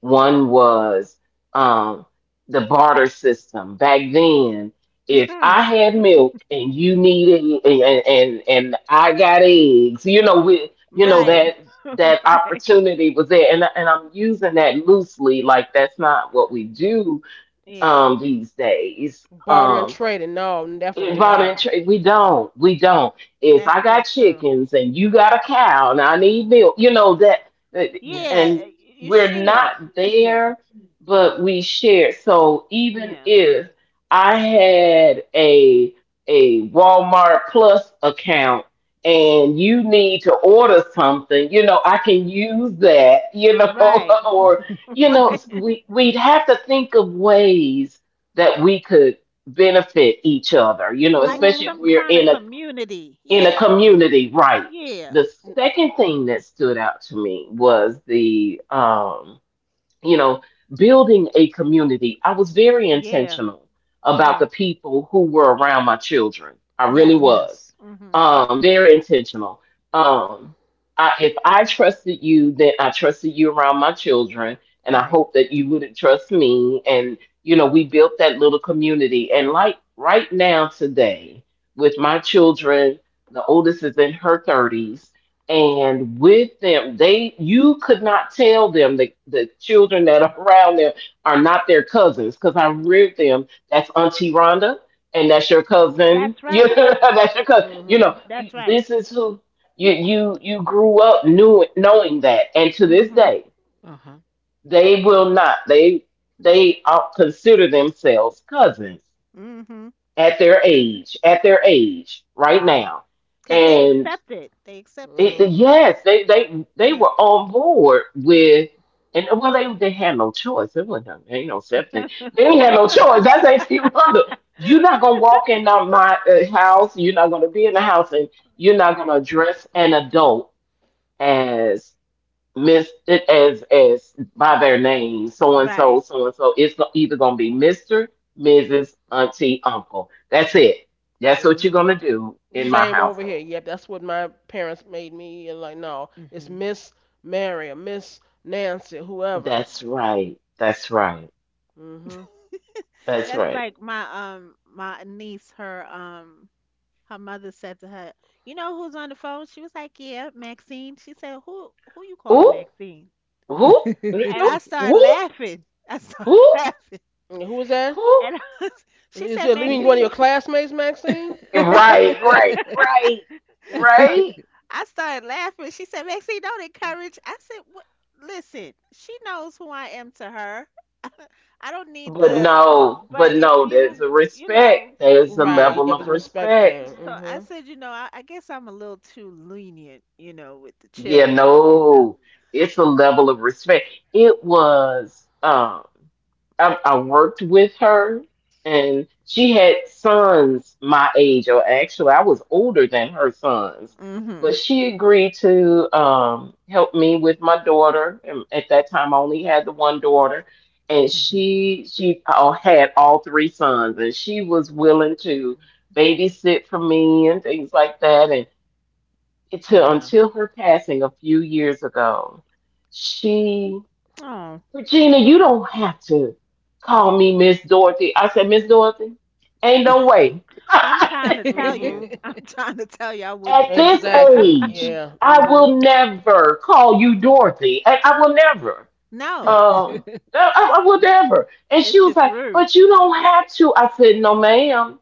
D: One was um, the barter system. Back then, if
B: Mhm.
D: I had milk and you needed and I got eggs, you know, with you know
B: Right.
A: Right.
D: that that
B: Right.
D: opportunity was there, and I'm using that loosely, like that's not what we do
B: Yeah.
D: these days.
C: Barter and trading? No, definitely not.
D: Involuntary. We don't. We don't. If
B: That's
D: I got
B: so true.
D: chickens and you got a cow and I need milk, you know that. that-
A: Yes.
B: Yeah,
D: And
B: you
D: we're
B: should.
D: not
B: Yeah.
D: there, but we share. So even
B: Yeah.
D: if I had a Walmart Plus account and you need to order something, you know, I can use that, you know,
B: Right.
D: or you know,
B: Right.
D: we'd have to think of ways that we could benefit each other, you know,
B: Like
D: especially
C: Mhm.
D: if
B: some
D: we're
B: kind of community.
D: in a
B: Yeah.
D: community, right?
B: Yeah.
D: The second thing that stood out to me was the you know, building a community. I was very
B: Yeah.
D: intentional about the
B: Yeah.
D: people who were around my children. I really
B: Yes.
D: was.
A: Yes.
B: Mhm.
D: Very intentional. Um, if I trusted you, then I trusted you around my children, and I
B: Right.
D: hope that you wouldn't trust me. And, you know, we built that little community. And like right now, today, with my children, the oldest is in her 30s, and with them they you could not tell them the children that are around them are not their cousins, because I reared them. That's Auntie Rhonda and that's your cousin,
B: That's
D: you
B: right.
D: know, that's your cousin, you know,
C: Mhm.
B: That's right.
D: this is who you you grew up knowing, that and to this
B: Mhm.
D: day
A: Uh huh.
D: they will not they they all consider themselves cousins
B: Mhm.
D: at their age, at their age right
A: Mhm.
D: now.
B: 'Cause they accept it. They accepted it.
C: Mhm.
D: It, yes, they they
B: Yeah.
D: were on board with, and well, they had no choice. It wasn't no- ain't no something. They ain't had no choice. That's H.P. Rundle. You're not gonna walk in my house. You're not gonna be in the house, and you're not gonna
B: Right.
D: address an adult as Miss as by their name, so and so,
B: Right.
D: so and so. It's go- either gonna be Mister, Mrs., Auntie, Uncle. That's it. That's what you're
C: Mhm.
D: gonna do in my
C: Same
B: Mhm.
C: over here.
D: household.
C: Yep, that's what my parents made me. You're like, no, it's
A: Mhm.
C: Miss Mary or Miss Nancy, whoever.
D: That's right. That's right.
C: Mhm.
D: That's
B: That's
D: right.
B: like my my niece her her mother said to her, "You know who's on the phone?" She was like, "Yeah, Maxine." She said, who you calling
D: Who?
B: Maxine?"
D: Who? Who?
B: And I started
D: Who?
B: laughing. I started
D: Who?
B: laughing.
C: And who is that?
D: Whoop.
B: And I was- she
C: Is
B: said,
C: it you mean one of
B: "Maxine."
C: your classmates, Maxine?
B: No.
D: Right, right, right,
B: So
D: right.
B: I started laughing. She said, Maxine, don't encourage. I said, what? Listen, she knows who I am to her. I don't need the, but
D: But
B: if
D: no, there's
B: you,
D: a
B: you know,
D: respect. There's a
C: Right. Yep, it's
D: level
C: a
D: of
C: respect thing.
D: respect.
B: so
C: Mhm.
B: I said, you know, I guess I'm a little too lenient, you know, with the
D: Yeah,
B: children, you know.
D: no, it's a level of respect. It was, I worked with her, and she had sons my age, or actually, I was older than her sons.
B: Mm. Mhm.
D: But she agreed to help me with my daughter. And at that time, I only had the one daughter, and
A: Mhm.
D: she had all three sons, and she was willing to babysit for me and things like that. And to
A: Yeah.
D: until her passing a few years ago, she
B: Oh,
D: Regina, you don't have to call me Miss Dorothy. I said, Miss Dorothy, ain't no way.
B: I'm trying to tell you.
C: Mhm.
B: I'm trying to tell you I
D: At
B: wouldn't.
D: this
C: Exactly.
D: age,
C: Yeah.
D: I
C: Mhm.
D: will never call you Dorothy. And I will never.
B: No,
D: Um I I will never. And
B: it's
D: she was
B: just
D: like,
B: rude,
D: but you don't have to. I said, no, ma'am.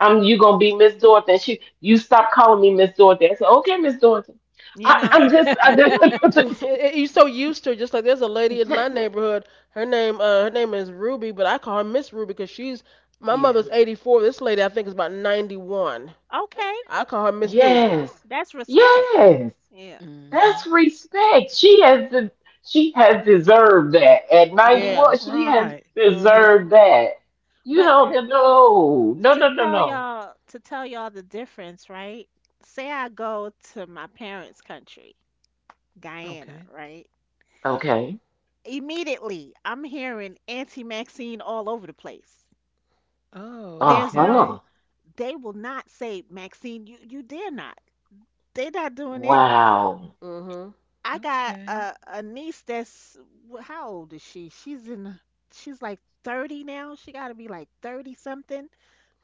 D: I'm you gonna be Miss Dorothy. And she you stop calling me Miss Dorothy. I said, okay, Miss Dorothy.
B: you know.
D: I'm just did.
C: You're so used to it, just like there's a lady in
D: Th-
C: my neighborhood. Her name is Ruby, but I call her Miss Ruby because she's My
A: Yeah.
C: mother's 84. This lady, I think, is about 91.
B: Okay,
C: I call her Miss Ruby.
D: Yes.
B: that's respect.
D: Yes.
B: Yeah.
D: That's
A: Mhm.
D: respect. She has deserved that. At
B: Yes.
C: Yeah.
D: 91, she
A: Right.
D: has
C: Mhm.
D: deserved that. You
B: But
D: don't
B: to
D: no. No,
B: to
D: no, no,
B: tell
D: no.
B: y'all to tell y'all the difference, right? Say I go to my parents' country, Guyana,
A: Okay.
B: right?
D: Okay.
B: Immediately, I'm hearing Auntie Maxine all over the place.
A: Oh,
B: There's no
A: okay.
D: Uh-huh.
B: they will not say, Maxine, you dare not. They're not doing it.
D: Wow.
C: Mhm.
B: I got
A: Okay.
B: a niece that's how old is she? She's like 30 now. She got to be like 30 something.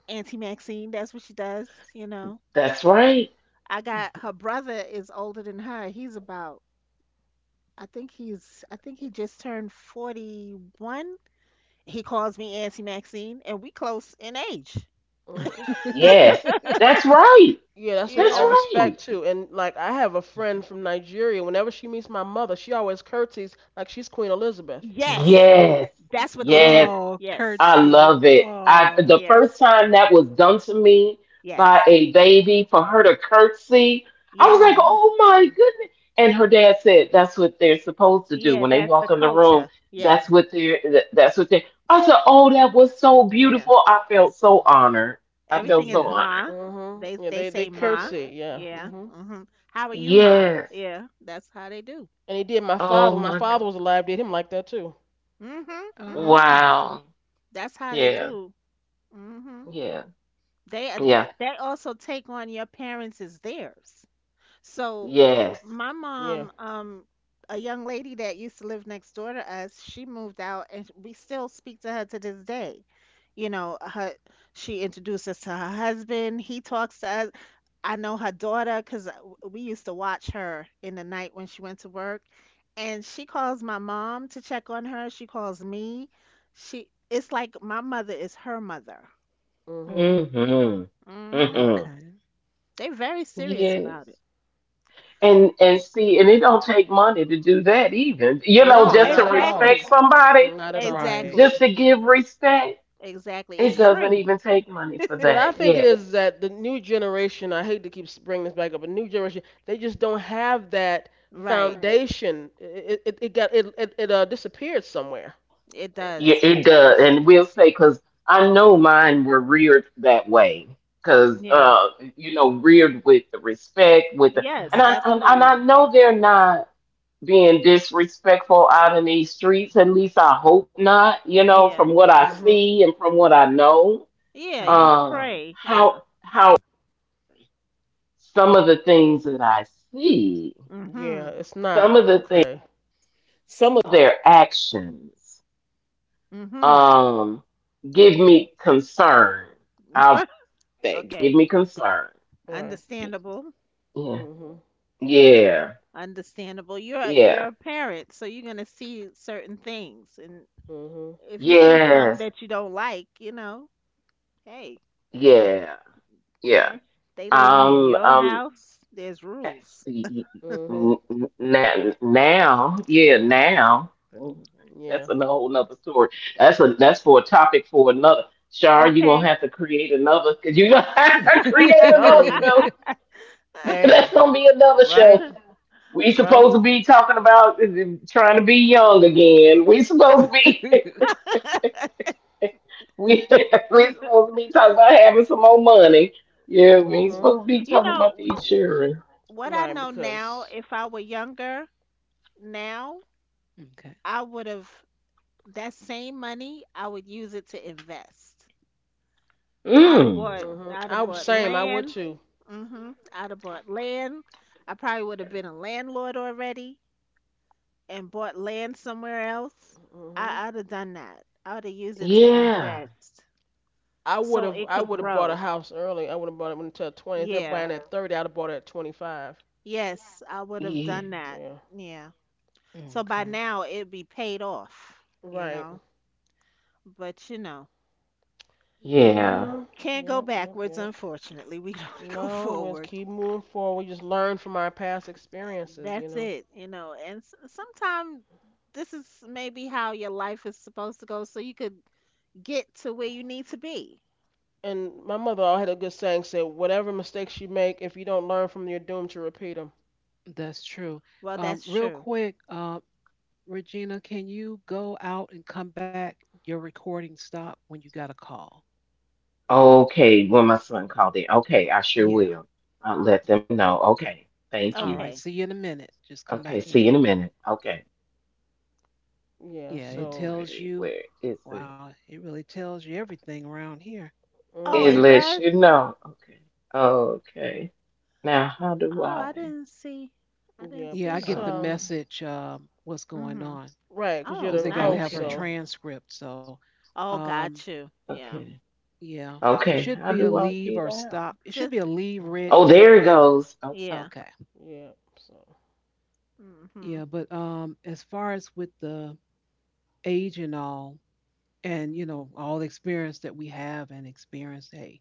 B: Auntie Maxine, that's what she does, you know.
D: That's right.
B: I got
A: Mhm.
B: her brother is older than her. He's about I think he just turned 41. He calls me Auntie Maxine and we close in age,
C: Mhm.
D: Yes. That's right.
C: Yeah, that's with
B: you
D: That's
C: all
B: know.
D: right.
C: respect too. And like, I have a
A: Mhm.
C: friend from Nigeria. Whenever she meets my mother, she always curtsies like she's Queen Elizabeth.
B: Yes,
D: Yes.
B: that's what they
D: Yes.
B: do.
A: Oh,
B: Yes.
D: I
A: curtsy.
D: love it. I
A: Oh,
D: the first time that was done to me by
B: Yes.
D: a baby for her to curtsy, I was
B: Yes.
D: like,
A: oh,
D: "Oh my goodness!" And her dad said, "That's what they're supposed to do
B: Yeah,
D: when they
B: that's
D: walk
B: the
D: in the room.
B: culture.
D: That's
B: Yes.
D: what they're. That's what they." I said, "Oh, that was so
B: Yeah.
D: beautiful. I felt so honored. I felt
B: Everything is
D: so
A: yeah.
D: honored.
B: ma.
C: Mhm. Yeah,
B: They
C: they
B: say ma.
C: curtsy. Yeah.
B: Yeah.
C: Mhm.
B: Mhm. How are you, ma?
D: Yes.
B: Yeah, that's how they do.
C: And he did my father.
D: Oh
C: When my
D: my.
C: father was alive, did him like that too.
B: Mhm. Mhm.
A: Oh,
D: Wow.
B: That's how they
D: Yeah.
B: do. Mhm.
D: Yeah.
B: They ad-
D: Yeah.
B: they also take on your parents as theirs. So
D: Yes.
B: my
C: Yeah.
B: mom, a young lady that used to live next door to us, she moved out and we still speak to her to this day. You know, her she introduced us to her husband. He talks to us. I know her daughter because we used to watch her in the night when she went to work, and she calls my mom to check on her. She calls me. She it's like my mother is her mother.
C: Mhm.
D: Mm-hmm.
B: Hmm.
D: Mm-hmm.
A: okay.
B: They're very serious
D: Yes.
B: about it.
D: And see, and it don't take money to do that even. You know,
C: No,
D: just to
C: not at all.
D: respect
B: Exactly.
D: somebody,
C: Mm-mm, not at all.
A: Right.
D: just
B: Exactly.
D: to give respect,
B: Exactly. It's
D: it doesn't
B: free.
D: even take money for
C: What I
D: that.
C: think it
D: Yes.
C: is that the new generation, I hate to keep bringing this back up, but new generation, they just don't have that
B: Right.
C: foundation. It got it disappeared somewhere.
B: It
D: Yeah,
B: does. It
D: it
B: does.
D: does. And we'll say because I know mine were reared that way. Cause
B: Yeah.
D: you know, reared with the respect, with the and
B: Yes,
A: Uh-huh.
D: I and, and
B: absolutely.
D: I know they're not being disrespectful out in these streets. At least I hope not. You know, from
B: Yeah.
D: what I
C: Mhm.
D: see and from what I know.
B: Yeah, you
A: Uh-huh.
D: Um,
B: pray.
D: how
B: Yeah.
D: how.
C: Yeah,
B: Mhm.
C: it's not okay.
B: Mhm. Okay.
C: Right.
B: Understandable.
C: Mhm.
B: Understandable. You're you're a parent, so you're gonna see certain things, and
C: Mhm.
B: if you see some that you don't like, you know, hey, once
D: Yeah.
B: they living in
D: Um,
B: your
D: um,
B: house, there's
D: that's
B: rules.
C: Mhm.
D: now, yeah, now. Mm,
C: Yeah.
D: that's a whole nother story. That's a that's for a topic for another. Shar, you're gonna
B: Okay.
D: have to create another because you're gonna have to create
C: Telling
D: another
C: you.
D: show.
C: Hey.
D: That's gonna be another
C: Right.
D: show.
B: Uh,
D: We
C: Right.
D: supposed to be talking about trying to be young again. We supposed to be. we we
B: you
D: supposed to be talking about having some more money. Yeah, we ain't
C: Mhm.
D: supposed to be talking about
B: know
D: the insurance.
B: what I
C: Right.
B: know now,
C: Because.
B: if I were younger now,
A: Okay.
B: I would have that same money, I would use it to invest.
D: Mm.
C: Mhm.
B: I'd
C: I
B: have
C: was
B: bought
C: same. I would
B: land.
C: too.
B: Mhm. I'd have bought land. I probably would have been a landlord already and bought land somewhere else.
C: Mm-hmm.
B: I'd have done that. I would have used it to
D: Yeah.
B: invest
C: I would
B: so
C: have
B: it
C: I
B: could
C: would have bought a
B: grow.
C: house early. I would have bought it until 20. Instead of
B: Yeah.
C: buying, yeah, at 30, I'd have bought it at 25.
B: Yes, I would have
D: Yeah.
B: done that.
C: Yeah.
B: Yeah. So by
A: Okay.
B: now it'd be paid off, you
C: Right.
B: know. But you know,
D: Yeah.
C: Yeah. Yeah.
B: can't go
C: Yep. Yep.
B: backwards,
C: Yep.
B: unfortunately. We don't go
C: No, we just
B: forward.
C: keep moving forward. We just learn from our past
B: Uh,
C: experiences, you
B: That's
C: know.
B: it, you know. And sometimes this is maybe how your life is supposed to go so you could get to where you need to be.
C: And my mother always had a good saying: said, "Whatever mistakes you make, if you don't learn from, them, you're doomed to repeat them."
A: That's true.
B: Well, that's
A: Real
B: true.
A: quick, Regina, can you go out and come back? Your recording stopped when you got a call.
D: Okay. When my son called in.
A: Y-
D: Okay, I sure
A: yeah.
D: will. I'll let them know. Okay. Thank
A: All
D: you.
A: right.
B: Okay.
A: See you in a minute. Just come
D: Okay,
A: back
D: see
A: in.
D: you in a minute. Okay.
C: Yeah.
A: Yeah,
D: I'm
A: it
C: So.
A: tells
D: ready.
A: you.
D: Where is it?
A: Wow, it really tells you everything around here.
B: Oh,
D: It
C: Mhm.
B: it
D: lets
B: does?
D: you know. Okay. Okay. Now how do
B: Oh, I
D: I
B: didn't see. I didn't
C: Yep.
A: Yeah,
B: see
A: I
C: It's
B: that.
A: get
D: okay.
A: the message, what's going
B: Mhm.
A: on.
C: Right, you're
B: Oh,
A: Because
C: the
A: they got to
B: nice.
A: have
C: host,
A: her
D: Okay.
C: so.
A: transcript. So,
B: Oh,
A: um,
B: got you. Yeah.
D: Okay.
A: yeah, it
B: J-
D: Okay.
A: should
D: How
A: be a
D: do I
A: leave or
D: get out?
A: stop. It should be
B: Just
A: a leave red
D: Oh, there it
A: but
D: goes.
B: yeah.
A: okay.
C: Yep. So.
A: Yeah,
B: Mhm.
A: but as far as with the age and all, and you know all the experience that we have and experience, hey,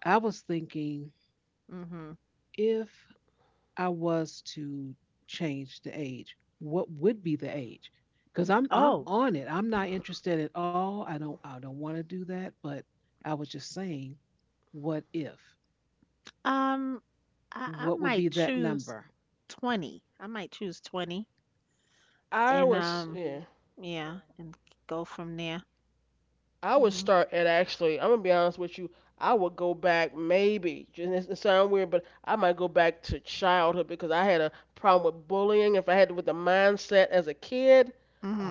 A: I was thinking
B: Mhm.
A: if I was to change the age, what would be the age? Because I'm
B: Oh,
A: on it. I'm not interested at all. I don't want to do that. But I was just saying, what if?
B: Um, I
A: What would be
B: might
A: that
B: choose
A: number?
B: 20. I might choose 20
C: I
B: and
C: was. Yeah.
B: yeah, and go from there.
C: I would
B: Mhm.
C: start at, actually, I'm gonna be honest with you. I would go back maybe. Just it sounds weird, but I might go back to childhood because I had a problem with bullying. If I had with the mindset as a kid,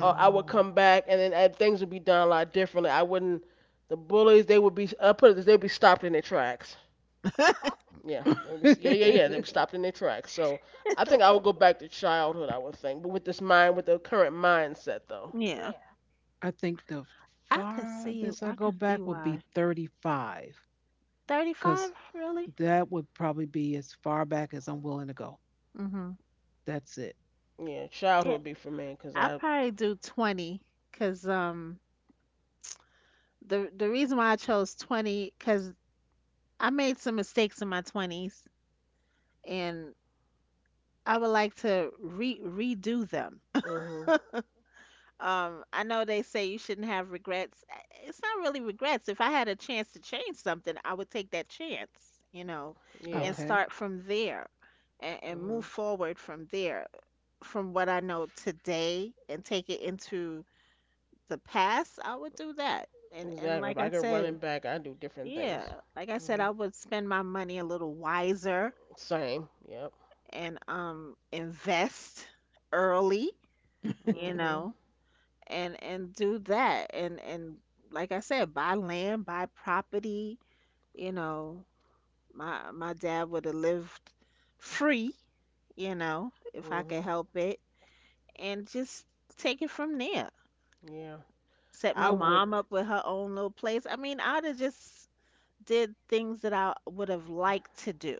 C: I would come back and then and things would be done a lot differently. I wouldn't. The bullies, they would be. I put it this, they'd be stopped in their tracks. Yeah,
A: I
C: they would be, yeah, yeah, yeah. They would be stopped in their tracks. So I think I would go back to childhood. I would think, but with this mind, with the current mindset though.
B: Yeah.
A: think the farthest I
B: I
A: go
B: could
A: back
B: see
A: would be
B: why.
A: 35, because
B: 35 really?
A: that would probably be as far back as I'm willing to go.
B: Mhm.
A: That's it.
C: Yeah, childhood
B: Yeah.
C: would be for me because
B: I
C: I.
B: probably do 20 cuz the reason why I chose 20 cuz I made some mistakes in my 20s and I would like to re redo them.
C: Mhm.
B: I know they say you shouldn't have regrets. It's not really regrets. If I had a chance to change something, I would take that chance, you know,
C: Yeah.
B: and
A: Okay.
B: start from there and move
C: Hmm.
B: forward from there. From what I know today and take it into the past, I would do that. And
C: Exactly. If
B: like
C: I
B: I
C: could run
B: said,
C: it back, I'd do different things.
B: yeah, like I said,
C: Hmm.
B: I would spend my money a little wiser
C: Same. Yep.
B: and invest early, you
C: Hmm.
B: know, and do that and like I said, buy land, buy property. You know, my dad would have lived free. You know, if I could
C: Hmm.
B: help it, and just take it from there.
C: Yeah.
B: Set
C: I
B: my
C: would.
B: mom up with her own little place. I mean, I'd have just did things that I would have liked to do.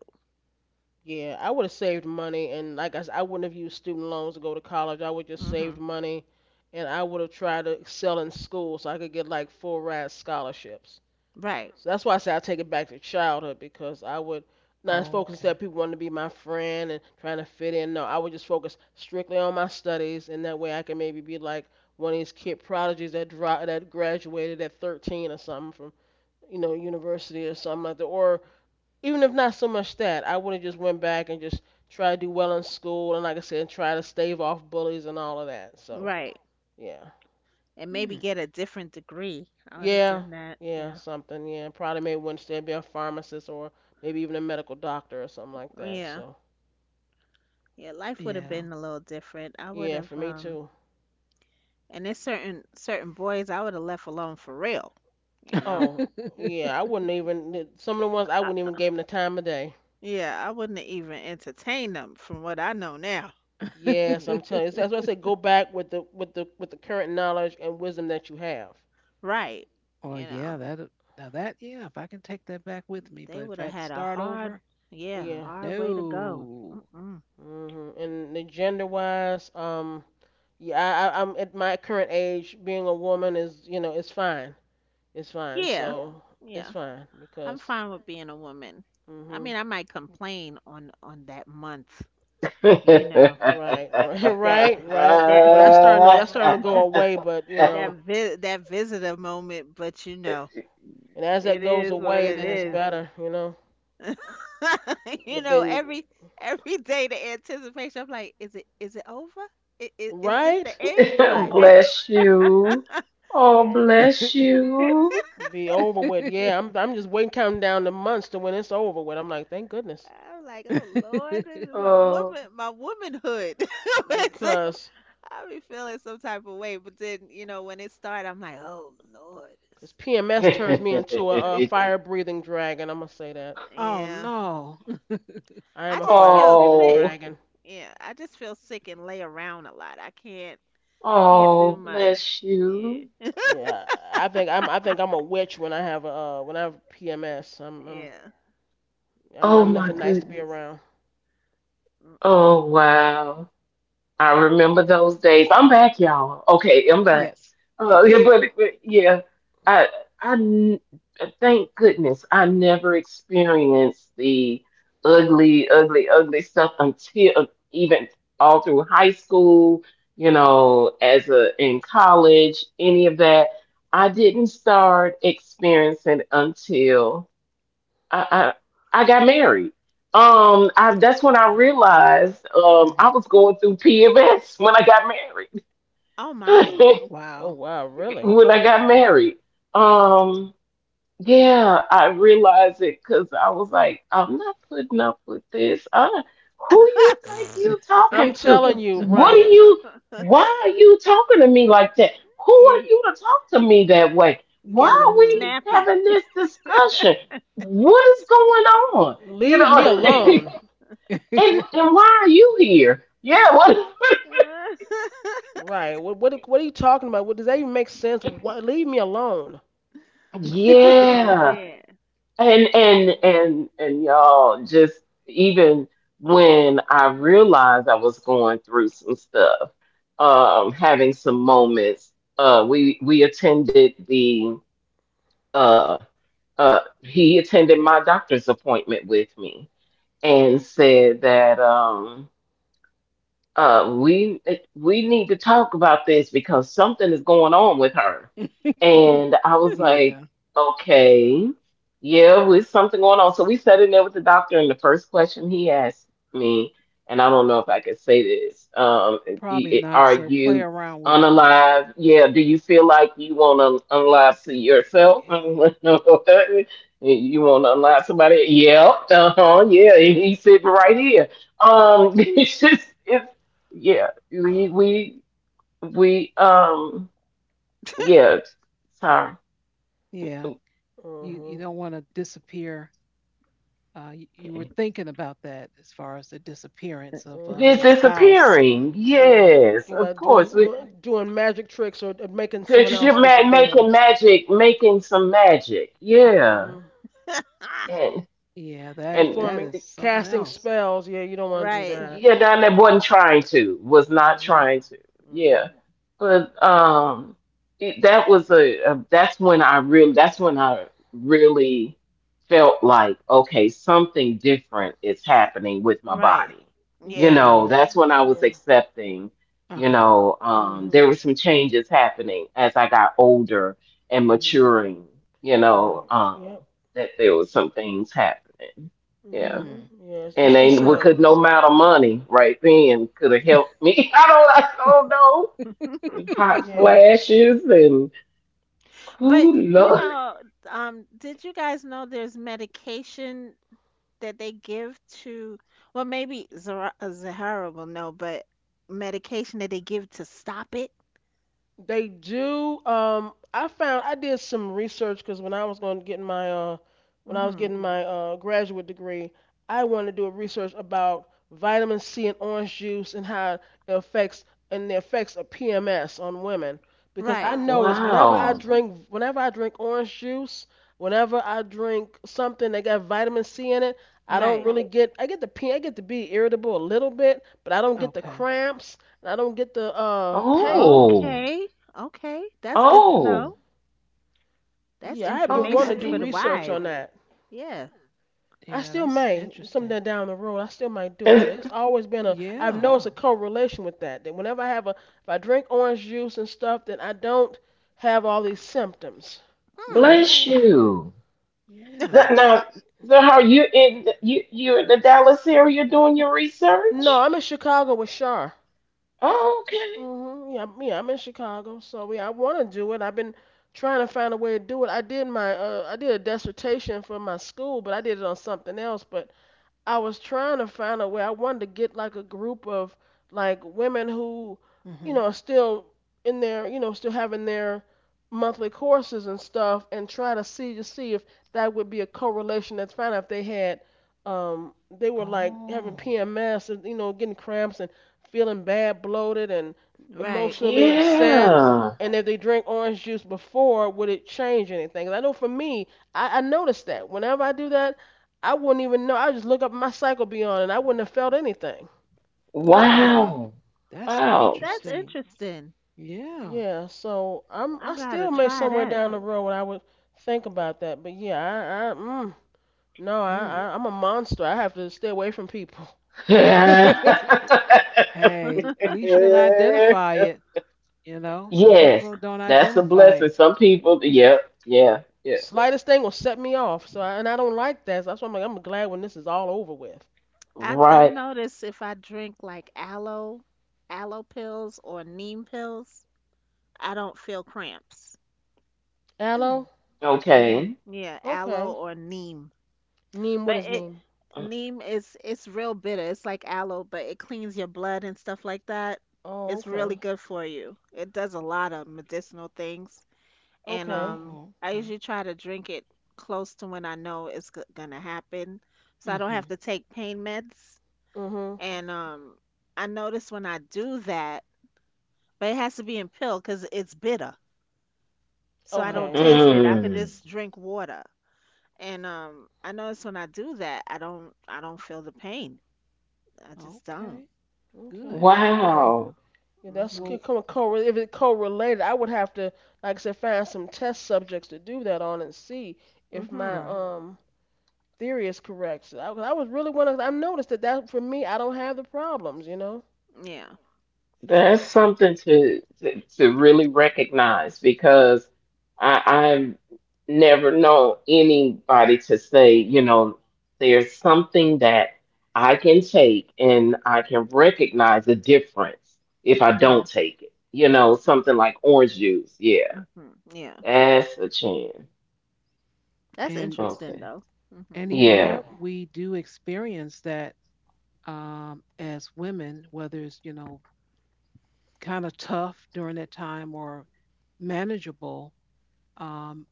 C: Yeah, I would have saved money, and like I said, I wouldn't have used student loans to go to college. I would just saved
B: Hmm.
C: money, and I would have tried to excel in school so I could get like full ride scholarships.
B: Right,
C: So that's why I say I take it back to childhood because I would not focus that
A: Okay.
C: people wanting to be my friend and trying to fit in. No, I would just focus strictly on my studies, and that way I can maybe be like one of these kid prodigies that graduated at 13 or something from university or something like that. Or even if not so much that, I would have just went back and just try to do well in school and like I said, try to stave off bullies and all of that. So
B: right.
C: yeah.
B: And maybe
A: Hmm.
B: get a different degree. I would have
C: Yeah,
B: done that.
C: yeah,
B: Yeah,
C: something. Yeah, probably maybe Wednesday be a pharmacist or maybe even a medical doctor or something like that.
B: yeah,
C: So
B: yeah. Life would have been a
A: Yeah.
B: little different. I would
C: yeah,
B: have
C: for me too.
B: and there's certain boys I would have left alone for real. You know,
C: Oh yeah, I wouldn't even some of the ones I
B: I,
C: wouldn't even give them the time of day.
B: yeah, I wouldn't have even entertained them from what I know now. You
C: Yes,
B: know,
C: I'm telling you. That's why I say go back with the current knowledge and wisdom that you have.
B: right?
A: Well,
B: You
A: yeah,
B: know,
A: that now that yeah, if I can take that back with me,
B: they
A: but
B: would
A: if
B: have
A: I had
B: had
A: to
B: a
A: start
B: hard,
A: over,
B: yeah,
C: Yeah.
B: hard way to go.
A: no.
B: Mm-mm.
C: Mhm. And the gender wise, yeah, I'm at my current age, being a woman is it's fine. It's fine.
B: Yeah,
C: So it's
B: yeah.
C: fine
B: I'm
C: because.
B: fine with being a woman. I
C: Mhm.
B: mean, I might complain on that month. You know
C: Right, right,
B: that
C: right, right.
B: that
C: Well, that's starting to that's starting to go away, but
B: that visitor moment, but you know,
C: and as that
B: it
C: goes
B: is what
C: away,
B: it
C: then it's
B: is.
C: better.
B: you
C: But
B: know,
C: then you,
B: every every day the anticipation. I'm like, is it over? Is this the
C: right,
B: end?
C: right,
E: Bless you. Oh,
B: And
E: bless you.
C: be over with. Yeah, I'm just waiting counting down the months to when it's over with. I'm like, thank goodness,
B: I'm like, oh Lord, this is my
E: Oh,
B: woman, my womanhood.
C: because
B: I be feeling some type of way, but then you know when it started, I'm like, oh Lord, this
C: because
B: is
C: PMS
B: ridiculous."
C: turns me into a fire breathing dragon. I'm gonna say that
A: Oh
B: Yeah.
A: no.
C: I
B: I
C: am a
B: just
C: fire
B: feel
C: breathing
B: sick.
E: oh,
C: dragon.
B: Yeah, I just feel sick and lay around a lot. I can't do
E: oh,
B: much.
E: bless you.
B: Yeah,
C: Yeah, I think I'm a witch when I have a when I have PMS. Am
B: yeah.
E: Oh,
C: I'm
E: my
C: nothing nice
A: Oh
C: to be
E: goodness.
C: around.
B: Mm-mm.
E: Oh, wow. I remember those days. I'm back, y'all. Okay, I'm back.
A: yes,
E: Yeah,
A: yes.
E: but yeah, I I n- thank goodness I never experienced the ugly stuff until even all through high school. You know, as a in college, any of that, I didn't start experiencing until. I, I got married. I that's when I realized I
A: Hmm.
E: was going through PMS when I got married.
B: Oh my.
C: Oh
A: Wow.
C: wow, really?
E: When I got married. Um, yeah, I realized it because I was like, I'm not putting up with this. I, who you think you
C: I'm
E: talking to?
C: telling you,
E: What are
C: right.
E: you? Why are you talking to me like that? Who
B: Yeah,
E: are you to talk to me that way? Why
B: get a little
E: are
C: Hmm.
E: we
B: snappy.
E: having this discussion? What is going on? You
C: Leave me
E: know,
C: alone.
E: and why are you here? Yeah, what?
C: Right. What are you talking about? What does that even make sense? What, leave me alone.
B: Oh
E: Yeah.
B: man.
E: And y'all just even when I realized I was going through some stuff, having some moments, we attended the uh he attended my doctor's appointment with me and said that we need to talk about this because something is going on with her. And I was like,
A: Yeah,
E: okay, yeah, with something going on. So we sat in there with the doctor, and the first question he asked me, and I don't know if I could say this,
A: probably
E: are
A: not. So
E: you
A: play around with it.
E: unalive? Yeah, do you feel like you want to unalive to
A: Y- y-
E: yourself?
A: y-
E: You want to unalive somebody? Yep, uh-huh, yeah, he's sitting right here it's just yeah, we yeah, sorry.
A: Yeah, you
C: Mhm.
A: don't want to disappear. You were
E: Okay.
A: thinking about that as far as the disappearance of
E: This
C: Mhm.
A: a
E: is
A: spouse.
E: appearing.
C: Yeah.
E: Yes,
C: Think
E: of
C: about
E: course.
C: doing
E: We
C: doing doing magic tricks or making someone
E: because
C: else disappear.
E: making magic, making some magic. Yeah.
C: Mhm.
E: And
A: Yeah, that
E: and
A: that
C: Performing
A: is something
C: casting
A: else.
C: spells. Yeah, you don't want to do
B: Right.
C: that.
E: yeah, down there wasn't trying to, was not
C: Mhm.
E: trying to. Yeah.
C: Mhm.
E: But that was a that's when I really that's when I really felt like okay, something different is happening with my
B: Right.
E: body. You
B: Yeah.
C: Yeah.
E: know,
A: Right.
E: that's when I was
C: Yeah.
E: accepting,
A: Uh
E: you
A: huh.
E: know,
C: Mhm.
E: there were some changes happening as I got older and
C: Mhm.
E: maturing, you know,
C: Right. Yep.
E: that there was some things happening. Yeah.
C: Mhm.
A: Hmm.
C: Yes.
E: And
C: It's
E: they
C: it's
E: we
C: a
E: could no amount of money right then could have helped me. I don't know hot
C: yeah.
E: flashes and
B: But
E: who
B: you
E: knows?
B: know, did you guys know there's medication that they give to, well, maybe Zara, Zahara will know, but medication that they give to stop it.
C: They do. I did some research because when I was going to get my when I was
B: Hmm.
C: getting my graduate degree, I wanted to do a research about vitamin C in orange juice and how it affects and the effects of PMS on women. Because I
B: Right,
C: noticed whenever I
E: Wow.
C: drink whenever I drink orange juice, whenever I drink something that got vitamin C in it, I don't
B: right.
C: really get I get the P I get to be irritable a little bit, but I don't get the
A: Okay.
C: cramps and I don't get the pain.
E: Oh,
B: Okay, okay. That's good to
E: oh,
B: know. That's
C: Yeah, I have been wanting
B: information
C: to do
B: for the
E: okay.
C: research
B: wise.
C: on that.
B: Yeah.
C: I
A: Yeah,
C: still
A: that's
C: may
A: interesting.
C: someday down the road. I still might do it,
E: And
C: but it's always been a. I've
A: Yeah.
C: noticed a correlation with that. That whenever I if I drink orange juice and stuff, then I don't have all these symptoms.
B: Hmm.
A: Oh,
E: bless
A: okay.
E: you.
A: Yeah.
E: That, now, so how you in you're in the Dallas area doing your
C: No,
E: research?
C: I'm in Chicago with Shar.
E: Oh, okay.
C: Hmm. Yeah, yeah, I'm in Chicago, so yeah, I want to do it. I've been trying to find a way to do it. I did a dissertation for my school, but I did it on something else. But I was trying to find a way. I wanted to get like a group of like women who,
A: Mm-hmm.
C: are still in their, still having their monthly courses and stuff, and try to see if that would be a correlation. That's find out if they they were like having
A: Oh,
C: PMS and getting cramps and feeling bad, bloated, and
B: Right.
C: emotionally upset.
E: Yeah.
C: And if they drink orange juice before, would it change anything? 'Cause I know for me, I noticed that whenever I do that, I wouldn't even know. I just look up my cycle be on, and I wouldn't have felt anything.
B: Oh,
A: wow.
E: Wow.
A: That's
E: Wow.
B: that's
A: interesting.
B: interesting.
A: Yeah.
C: Yeah, so I
B: I gotta
C: still may
B: try
C: somewhere
B: that.
C: down the road when I would think about that, but yeah, no, I, I
A: Mm.
C: I'm a monster. I have to stay away from people.
A: Hey, at least you can identify it. You know, some
E: Yes,
A: people don't
E: that's a
A: identify
E: blessing.
A: it.
E: Some people, yep, yeah, yeah.
C: Slightest thing will set me off. So I, and I don't like that. So that's why I'm like I'm glad when this is all over with.
B: I
E: Right.
B: notice if I drink like aloe pills or neem pills, I don't feel cramps.
A: Hmm.
C: Aloe,
B: Hmm.
E: Okay.
B: Yeah, aloe
C: okay.
B: or neem.
C: Neem,
B: But
C: what is
B: it
C: neem?
B: neem is it's real bitter. It's like aloe, but it cleans your blood and stuff like that.
C: Oh,
B: It's really
C: okay,
B: good for you. It does a lot of medicinal things. and
C: okay.
B: um
A: Oh,
B: I
A: okay.
B: usually try to drink it close to when I know it's gonna happen, so I don't have to
A: Hmm.
B: take pain meds.
C: Mhm.
B: And I notice when I do that, but it has to be in pill because it's bitter, so I don't
C: Okay.
A: Okay.
B: taste it. I could
E: Mm.
B: just drink water. And I notice when I do that, I don't feel the pain. I just don't.
A: Okay.
C: Okay.
A: Good.
C: Yeah.
E: Wow.
C: Yeah, that's
B: Mhm.
A: Well,
C: if it correlated, I would have to, like I said, find some test subjects to do that on and see if my
B: Mhm.
A: right.
C: theory is correct. So I was really one of I noticed that for me I don't have the problems.
B: Yeah.
E: That's something to, really recognize
B: But
E: because I've never known anybody to say, you know, there's something that I can take and I can recognize the difference if I don't
B: yeah.
E: take it. You know, something like orange juice. Yeah.
B: Mhm. Yeah.
E: That's a chin.
B: That's
A: And
B: interesting
E: Okay.
B: though. Mhm.
A: and even
C: Yep.
E: Yeah.
A: though we do experience that as women, whether it's, you know, kind of tough during that time or manageable, um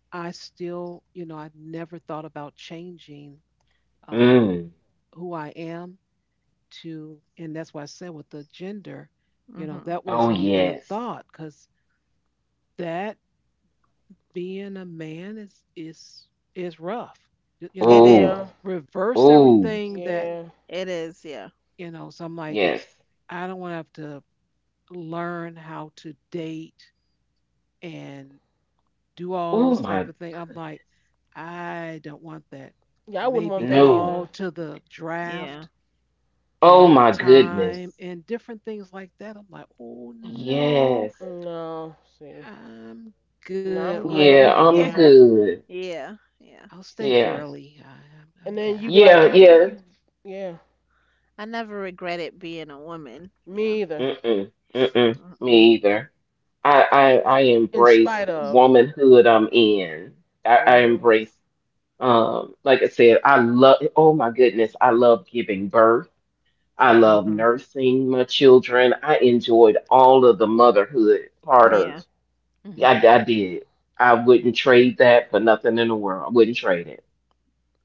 A: I still, you know, I never thought about changing um
E: Mm.
A: who I am to and that's why I said with the gender, you know,
B: Mhm.
A: that
E: Oh
A: wasn't even a
E: yes.
A: thought cuz that being a man is is rough. You know,
B: It is.
E: Oh.
C: Yeah.
A: reverse
E: Oh.
A: everything that
C: Yeah.
B: It is. Yeah.
A: you know. So I'm like,
E: Yes.
A: I don't want to have to learn how to date and do all those
E: Oh
A: type of
E: my
A: things. I'm like, I don't want that.
C: Yeah. I wouldn't
A: Maybe
C: want that
E: no.
C: either.
A: called to the
B: Yeah.
A: draft
E: Oh
A: and a
E: my goodness.
A: time and different things like that. I'm like, oh no,
E: Yes.
C: No. See.
A: I'm
C: No,
A: good
C: I'm
A: like
C: good.
E: Yeah,
B: Mm.
A: this.
B: Yeah.
E: I'm
C: Yeah.
E: good.
B: Yeah. Yeah.
A: I'll stay
E: Yeah.
A: girly.
C: And
A: I'm
C: then
B: Yeah.
C: you
A: good.
C: could, like
E: Yeah,
C: you
E: yeah.
C: you yeah
B: I never regretted being a woman. Yeah.
C: me either.
E: Mm-mm. Mm-mm.
B: Mm-mm.
E: Me either. I I
C: In
E: embrace
C: spite
E: the
C: of.
E: womanhood I'm in. I
C: Mhm.
E: embrace like I said, I love oh my goodness, I love giving birth. I love
B: Mm-hmm.
E: nursing my children. I enjoyed all of the motherhood part
B: Yeah.
E: of yeah,
A: Hmm.
E: I did. I wouldn't trade that for nothing in the world. I wouldn't trade it.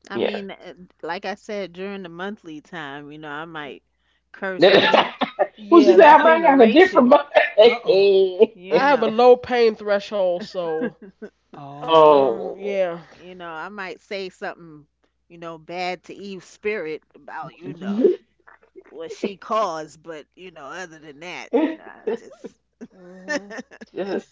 B: I
E: Yeah.
B: mean, like I said, during the monthly time, you know, I might curse Eve,
E: What
C: Yeah,
E: you
C: and
E: say
B: Eve's
E: I
C: I
E: might got a
B: generation,
E: different
A: Uh-oh.
E: body?
B: you
C: I have a
B: know.
C: low pain threshold, so
A: Oh.
C: Mm,
E: Oh.
C: yeah.
B: You know, I might say something bad to Eve's spirit about, you know, what she caused, but other than that, I just
C: Hmm.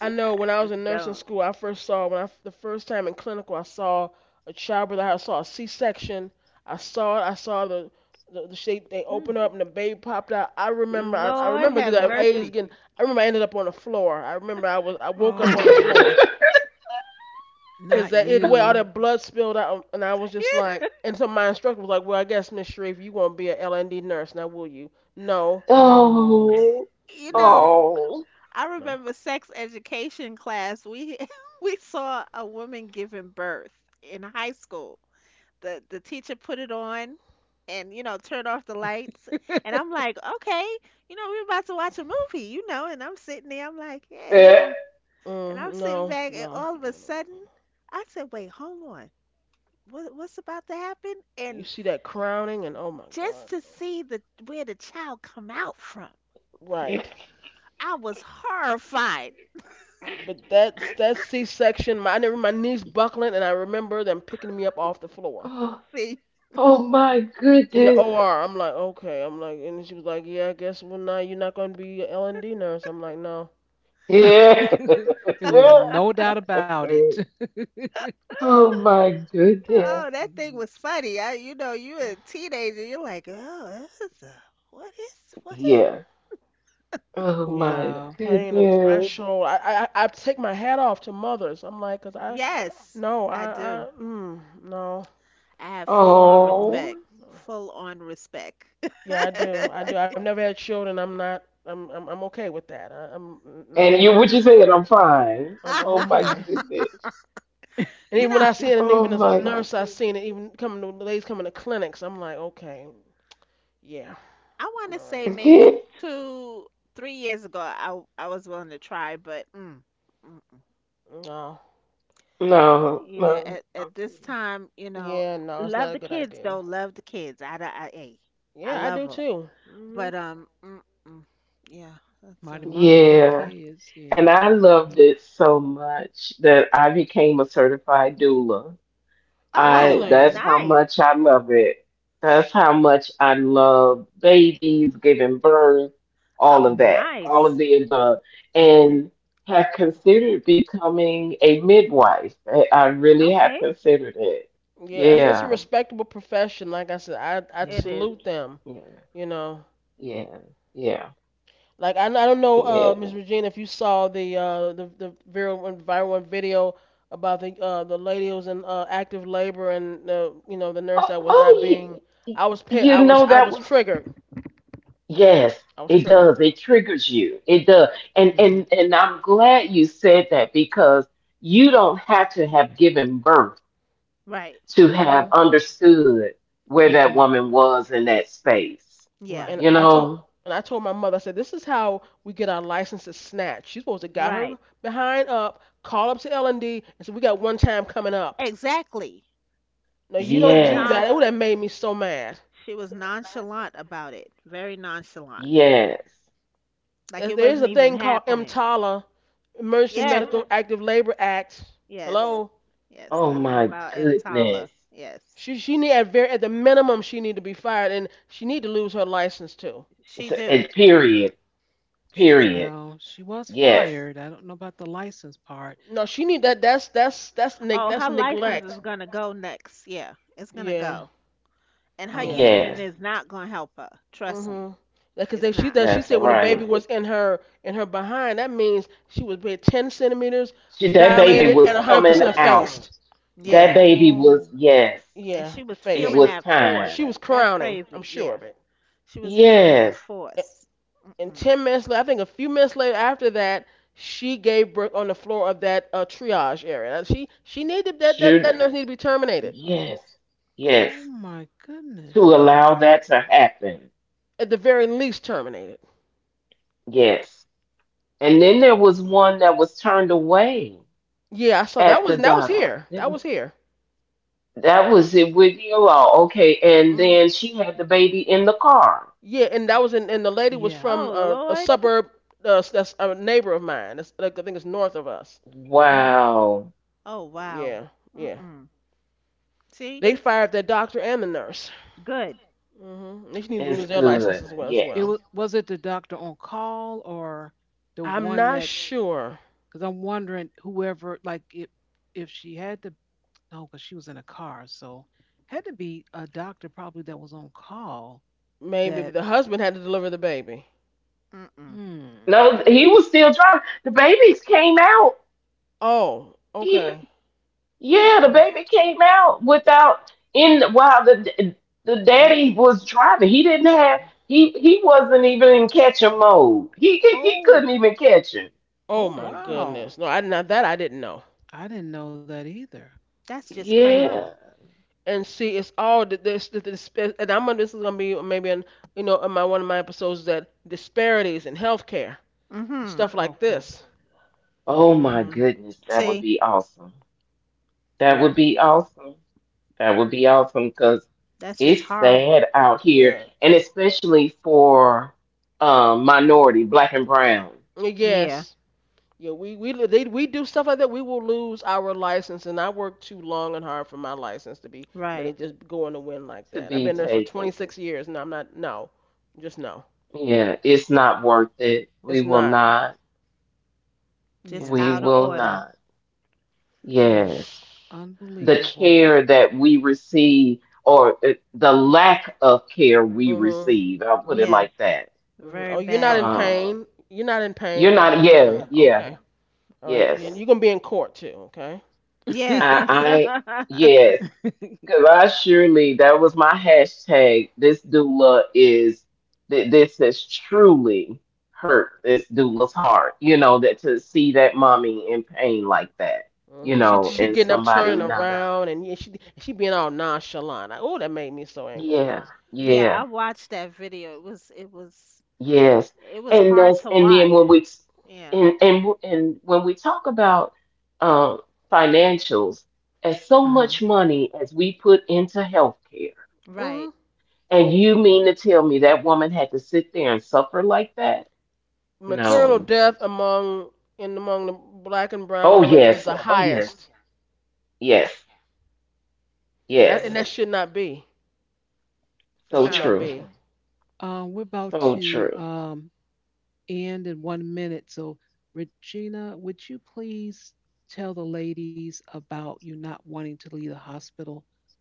C: I know
B: I
C: when I was
B: just
C: in nursing
B: don't.
C: school, I first saw when I the first time in clinical, I saw a childbirth. I saw a C-section. I saw it. I saw the shape they
A: Mm.
C: opened up and the baby popped out. I remember. I
B: Lord
C: remember
B: have
C: because I was
B: mercy.
C: getting. I remember I ended up on the floor. I remember I was. I woke up on the
A: Oh.
C: floor
A: Not
C: because that it way all
A: you.
C: that blood spilled out, and I was just like. And so my instructor was like, "Well, I guess Miss Sharif, you gonna be a LND nurse now, will you?" No,
A: Oh.
E: Oh.
B: you
C: no,
B: know
E: Oh.
B: I
C: no.
B: remember sex education class. We we saw a woman giving birth in high school. The teacher put it on and turned off the lights and I'm like, "Okay, we're about to watch a movie." And I'm sitting there I'm like, "Yeah.
E: Yeah.
B: And I'm
C: Mm,
B: sitting
C: no,
B: back and
C: no,
B: all of
C: no,
B: a sudden
C: no.
B: I said, "Wait, hold on. What's about to happen?"
C: You
B: And
C: see that crowning and oh my
B: just
C: god,
B: to
C: no.
B: see the where the child come out from.
C: Right.
B: I was horrified.
C: But that's C-section. I remember my knees buckling, and I remember them picking me up off the floor
E: Oh.
B: See,
E: Oh my
C: in the
E: goodness.
C: OR. I'm like, okay. I'm like, and she was like, yeah, I guess well now you're not going to be an L and D nurse. I'm like, no,
E: Yeah.
A: It was
C: nope.
A: no doubt about it.
E: Oh my goodness.
B: oh, that thing
A: Mhm.
B: was funny. You know, you a teenager, you're like, oh, that's a, what is what?
E: Yeah. Oh
C: Yeah,
E: my
C: the
A: Wow.
C: pain, the
E: goodness.
C: threshold. I take my hat off to mothers. I'm like, 'cause I,
B: Yes,
C: no,
B: I do.
C: mm, no,
B: I have full
C: yeah,
B: on
C: no,
E: Oh.
B: respect.
C: no.
B: Full on respect.
C: Yeah, I do, I do. I've never had children. I'm okay with that. I, I'm,
E: And
C: no.
E: you, what you saying? I'm fine.
C: I'm
E: Oh my
C: okay.
E: goodness.
C: And
B: You
C: even when
B: know,
C: I see it, and
E: Oh
C: even as a
E: my
C: nurse, I seen it. Even coming to the ladies coming to clinics, I'm like, okay, yeah,
B: I
C: all
B: want to
C: right.
B: say maybe
E: goodness.
B: two, 3 years ago, I was willing to try, but mm, mm, mm.
C: No,
E: No,
B: Yeah,
E: no.
B: at
E: Okay.
B: this time,
C: yeah, no, it's not
B: love
C: a
B: the
C: good
B: kids
C: idea.
B: though. Love the kids. Hey, I
C: Yeah, I do
B: love 'em.
C: too. Hmm.
B: But, mm-mm. Yeah, that's
A: Mighty
B: a
A: Ma love the
E: Yeah.
A: kids.
E: And
A: Yeah.
E: I loved
B: yeah.
E: it so much that I became a certified doula. I
B: Oh,
C: Really?
E: that's how
B: nice.
E: much I love it. That's how much I love babies, giving birth, all
B: Oh,
E: of that, all of
B: nice.
E: the above,
A: Yeah.
E: and have considered becoming a midwife. I really have
B: Okay.
E: considered it.
C: Yeah, it's a
E: Yeah,
C: respectable profession. Like I said, I
B: It
A: Yeah.
B: is.
C: salute them.
E: yeah,
C: You know.
E: yeah, yeah,
C: Like I don't know,
E: yeah.
C: Ms. Regina, if you saw the the viral one video about the lady who was in active labor and the you know the nurse
E: Oh,
C: that was not
E: oh
C: being.
E: you,
C: I was pit.
E: you
C: I was
E: know
C: I
E: that
C: was
E: was.
C: triggered.
E: Yes,
C: I was
E: it
C: triggered.
E: does. It triggers you. It does. And
A: Mm-hmm.
E: and and I'm glad you said that because you don't have to have given birth
B: Right.
E: to have
C: Mhm.
E: understood where that
A: Mm-hmm.
E: woman was in that space.
B: Yeah,
A: Right.
C: And
E: You
C: I told
E: know?
C: and I told my mother. I said, this is how we get our licenses snatched. She's supposed to got her
B: right.
C: behind up, call up to L and D, and said we got one time coming up.
B: Exactly.
C: No, you
B: She was
C: don't do
E: Yes.
C: that.
B: not,
C: It would have made me so mad.
B: she was nonchalant about it. Very nonchalant.
E: Yes.
B: Like
C: There
B: it
C: there is
B: wasn't
C: a
B: even
C: thing called
B: happening.
C: MTALA Emergency
B: Yes.
C: Medical Active Labor Act.
B: Yes,
C: Hello.
B: yes.
E: Oh
B: I know
E: my
B: about
E: goodness.
B: Mtala. Yes,
C: She need at the minimum she need to be fired and she need to lose her license too.
B: she do,
E: And period.
B: she do.
E: Period.
A: Well, she was
E: Yes.
A: fired. I don't know about the license part.
C: No, she need that
B: Oh,
C: that's
B: her license is
C: neglect.
B: gonna go next. Yeah, it's gonna
C: Yeah,
B: go. And her
C: yeah.
B: union
A: Okay.
E: Yes.
B: is not gonna help her. Trust me,
C: Mhm. Because
B: it's
C: if she
B: not.
C: does, she
E: That's
C: said when the baby
E: right.
C: was in her behind, that means she was being 10 centimeters
E: She, that baby
C: dilated
E: was
C: and
E: coming
C: 100%
E: out.
C: effaced.
E: That
B: Yeah,
C: Yeah,
E: baby
A: Oh.
E: was yes.
B: and
C: yeah,
B: she was
E: It
B: feeling
C: effaced.
E: was
B: that force.
E: time.
C: She was
B: That's
C: crowning. I'm
B: crazy.
C: sure
B: Yeah,
C: of it.
B: she was feeling that
E: Yes.
B: force.
C: And
B: Mm-mm.
C: 10 minutes later, I think a few minutes later after that, she gave birth on the floor of that triage area. She needed
E: Should,
C: that nurse needed to be terminated
E: yes. Yes.
A: Oh my
E: To
A: goodness.
E: allow that to happen.
C: at the very least terminated.
E: Yes. And then there was one that was turned away
C: Yeah, I saw that
E: at the
C: was that was
E: doctor.
C: here. That was here.
E: That was it with you all. Okay. And
C: Mhm.
E: then she had the baby in the car.
C: Yeah, and that was in and the lady was
A: Yeah.
C: from
B: Oh
C: a
B: Lord.
C: suburb that's a neighbor of mine. That's like I think it's north of us.
A: Oh.
E: Wow.
B: Oh wow.
C: Yeah, yeah.
B: Mm-mm. See,
C: They fired that doctor and the nurse.
B: good.
C: Hmm. They need to
E: It's
C: lose their license
E: good.
C: as well as
A: It
E: Yes.
C: well.
A: was it the doctor on call or the
C: I'm
A: one
C: not
A: that?
C: sure.
A: Because I'm wondering whoever like if she had to no, because she was in a car, so had to be a doctor probably that was on call.
C: Maybe
A: That
C: but the husband had to deliver the baby.
B: Mm-mm.
A: hmm.
E: No, he was still driving. The babies came out
C: Oh, okay.
E: yeah, the
B: Mm-mm.
E: baby came out without in while the
A: Oh
E: daddy was driving. He didn't have he wasn't even in catching mode. He
A: oh
E: couldn't even catch him.
A: oh
C: Oh my
B: Mm-mm.
A: wow!
C: goodness. No, I now that I didn't know.
A: I didn't know that either.
B: That's just
A: Wow.
E: Yeah.
B: crazy.
C: And see, it's all the this the and I'm gonna this is gonna be maybe in in my one of my episodes that disparities in healthcare
B: Mm-hmm.
C: stuff like
A: Okay.
C: this.
E: Oh
A: Okay.
E: my
C: Hmm.
E: goodness, that would
B: See,
E: be awesome. That
C: Yeah.
E: would be awesome. That would be awesome because
B: that's just
E: it's sad
B: horrible.
E: out here,
C: Yeah.
E: and especially for minority, black and brown,
B: Yeah,
C: Yes. Yeah. We do stuff like that. We will lose our license, and I worked too long and hard for my license to be let
B: right.
C: it just go in the wind like
E: to
C: that. I've
E: be
C: been there for
E: taken.
C: 26 years, and I'm not. No, just no.
E: Yeah, it's not worth it.
C: It's
E: We will
C: not.
E: not.
B: Just
A: Yeah,
E: We
A: that,
B: out of
E: will
B: order.
E: not.
A: that is
E: Yes. The
A: unbelievable.
E: care that we receive, or the lack of care we
C: Hmm.
E: receive, I'll put it
B: Yes,
E: like that.
C: Hmm.
B: very
C: Oh, you're not
B: bad.
C: in
E: Um,
C: pain. You're not in
E: you're
C: pain, yeah,
E: not,
C: really.
E: yeah,
C: Yeah,
E: yeah,
C: okay. All right. Yeah, yeah. And
E: yes.
C: you're gonna be in court too. Okay.
B: Yeah.
A: Uh-huh.
E: I, I,
B: Mm-hmm.
E: yes. Because I surely, that was my hashtag. This doula is, this has truly hurt this doula's heart, you know, that to see that mommy in pain like that,
C: Mhm.
E: you
C: And She
E: know,
C: she
E: and
C: getting up, all
E: somebody
C: turning right, yeah.
E: not.
C: Around, and yeah, she being all nonchalant. Like, oh, that made me so angry.
E: Yes,
B: Yeah,
E: yeah,
B: I watched that video. It was it was
E: yes,
B: it was
E: and
B: hard
E: that's
B: to
E: and then
B: watch.
E: when we
B: Yeah.
E: and when we talk about uh, financials, as so much money as we put into healthcare,
C: Hmm.
B: Right.
E: and you mean to tell me that woman had to sit there and suffer like that?
C: Maternal
E: No.
C: death among the black and brown
E: Oh
C: women is
E: yes,
C: the
E: oh yes,
C: highest.
E: yes,
A: Yeah,
C: That, and
E: yes.
A: that's.
C: that should not be. That
E: So
C: should not
E: true,
B: Terrible.
C: be.
A: We're about
E: so
A: to
E: true.
A: end in 1 minute. So, Regina, would you please tell the ladies about you not wanting to leave the hospital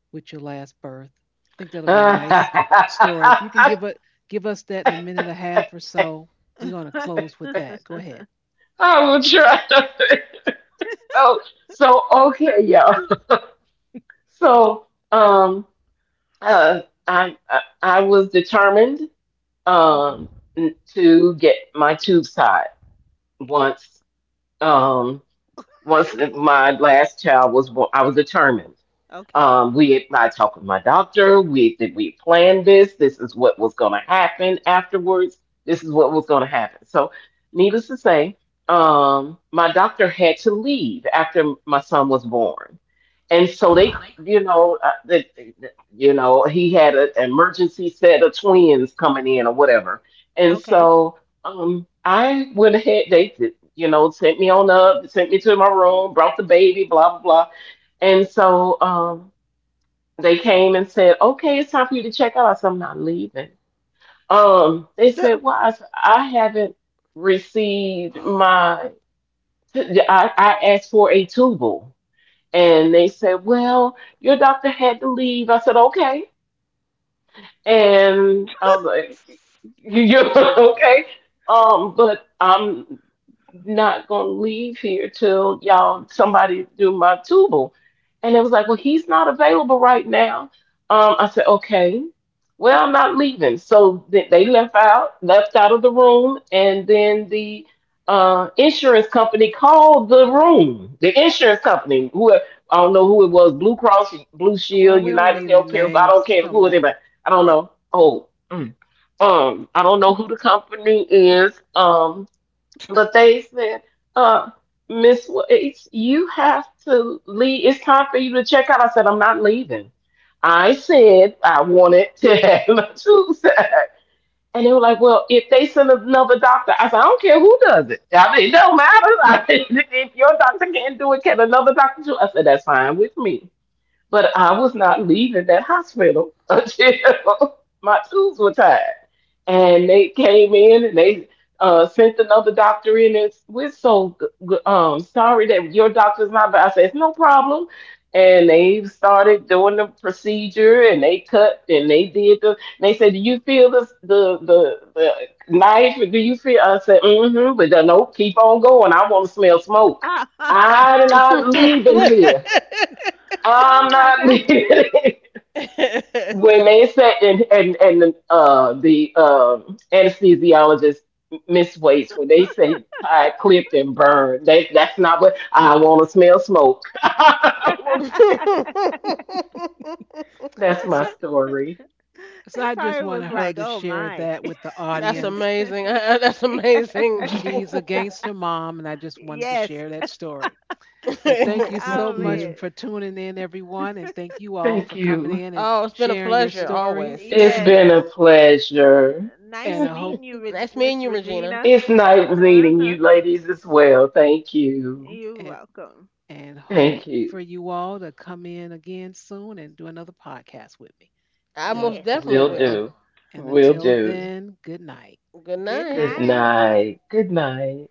A: with your last birth? I think that'll be a nice story. If you can give
E: I
A: it, give us that in a minute and a half or so, we're going to close with that. Go ahead.
E: will try. Oh, so okay, yeah. So, um, uh, I was determined
B: Hmm.
E: um to get my tubes tied once. Um, once my last child was born, I was determined.
B: Okay.
E: We had, I talked with my doctor. We planned this. This is what was going to happen afterwards. This is what was going to happen. So, needless to say, my doctor had to leave after my son was born, and so they, you know, you know, he had an emergency set of twins coming in or whatever, and
B: Okay.
E: so I went ahead. They, you know, sent me on up, sent me to my room, brought the baby, blah, blah, blah. And so they came and said, okay, it's time for you to check out. I said, I'm not leaving. They
B: okay.
E: said, well, said, I haven't received my, I asked for a tubal. And they said, well, your doctor had to leave. I said, okay. And I was like, you're
C: Mm-mm,
E: okay. But I'm not gonna leave here till y'all somebody do my tubal. And it was like, well, he's not available right now. I said, okay. Well, I'm not leaving. So they left out of the room, and then the insurance company called the room. The insurance company, who I don't know who it was, Blue Cross, Blue
A: Well, we
E: Shield,
A: don't need
E: United
A: any
E: Healthcare, I
A: names.
E: don't
A: It
E: care
A: don't
E: who it is.
A: matter.
E: I don't
A: Right.
E: know. Oh, mm, I don't know who the company is. But they said, uh, Miss Waits, you have to leave. It's time for you to check out. I said, I'm not leaving. I said I wanted to have my tubes out. And they were like, well, if they send another doctor, I said, I don't care who does it. I mean, it don't matter. I mean, if your doctor can't do it, can another doctor do it? I said, that's fine with me. But I was not leaving that hospital until my tubes were tied. And they came in and they sent another doctor in. And we're so sorry that your doctor's not. But I said, it's no problem. And they started doing the procedure and they cut and they did the. And they said, do you feel this, the knife? Do you feel? I said, mm hmm. But no, keep on going. I want to smell smoke. I'm not leaving here. I'm not leaving. When they said and the anesthesiologist Miss Waits when they say tie clipped and burned that that's not what I want to smell smoke. I wanna-
C: mm-mm.
E: that's
A: So,
E: my story.
A: so I
B: It
A: just
B: probably
A: wanted
B: was
A: her to
B: like, oh
A: share
B: my.
A: that with the
C: That's
A: audience.
C: amazing. That's amazing.
E: Thank
A: She's a
C: Oh,
A: gangster mom, and I just wanted to
B: Yes.
A: share that story. But thank you so
B: Oh
A: much for
E: you.
B: man.
A: tuning in, everyone, and thank you all for
E: Thank
A: coming
E: you.
A: in and
C: it's been a
A: sharing your
C: pleasure
A: stories.
C: always.
E: It's
B: Yes.
E: been a pleasure.
A: And
B: Nice
A: I hope
B: meeting you,
C: Nice meeting
B: Miss
C: you, Regina.
B: Regina.
E: It's nice meeting
B: Uh-huh.
E: you ladies as well. Thank you.
B: You're
A: and
B: welcome.
A: and hope
E: Thank
A: for
E: you.
A: you all to come in again soon and do another podcast with me.
C: I
A: And uh,
C: most
B: Yes.
C: definitely
E: Will
C: will.
E: do.
A: and
E: Will
A: until
E: do.
A: then, good night.
C: Good
B: Good
E: Good
C: night.
B: night.
E: night. Good night.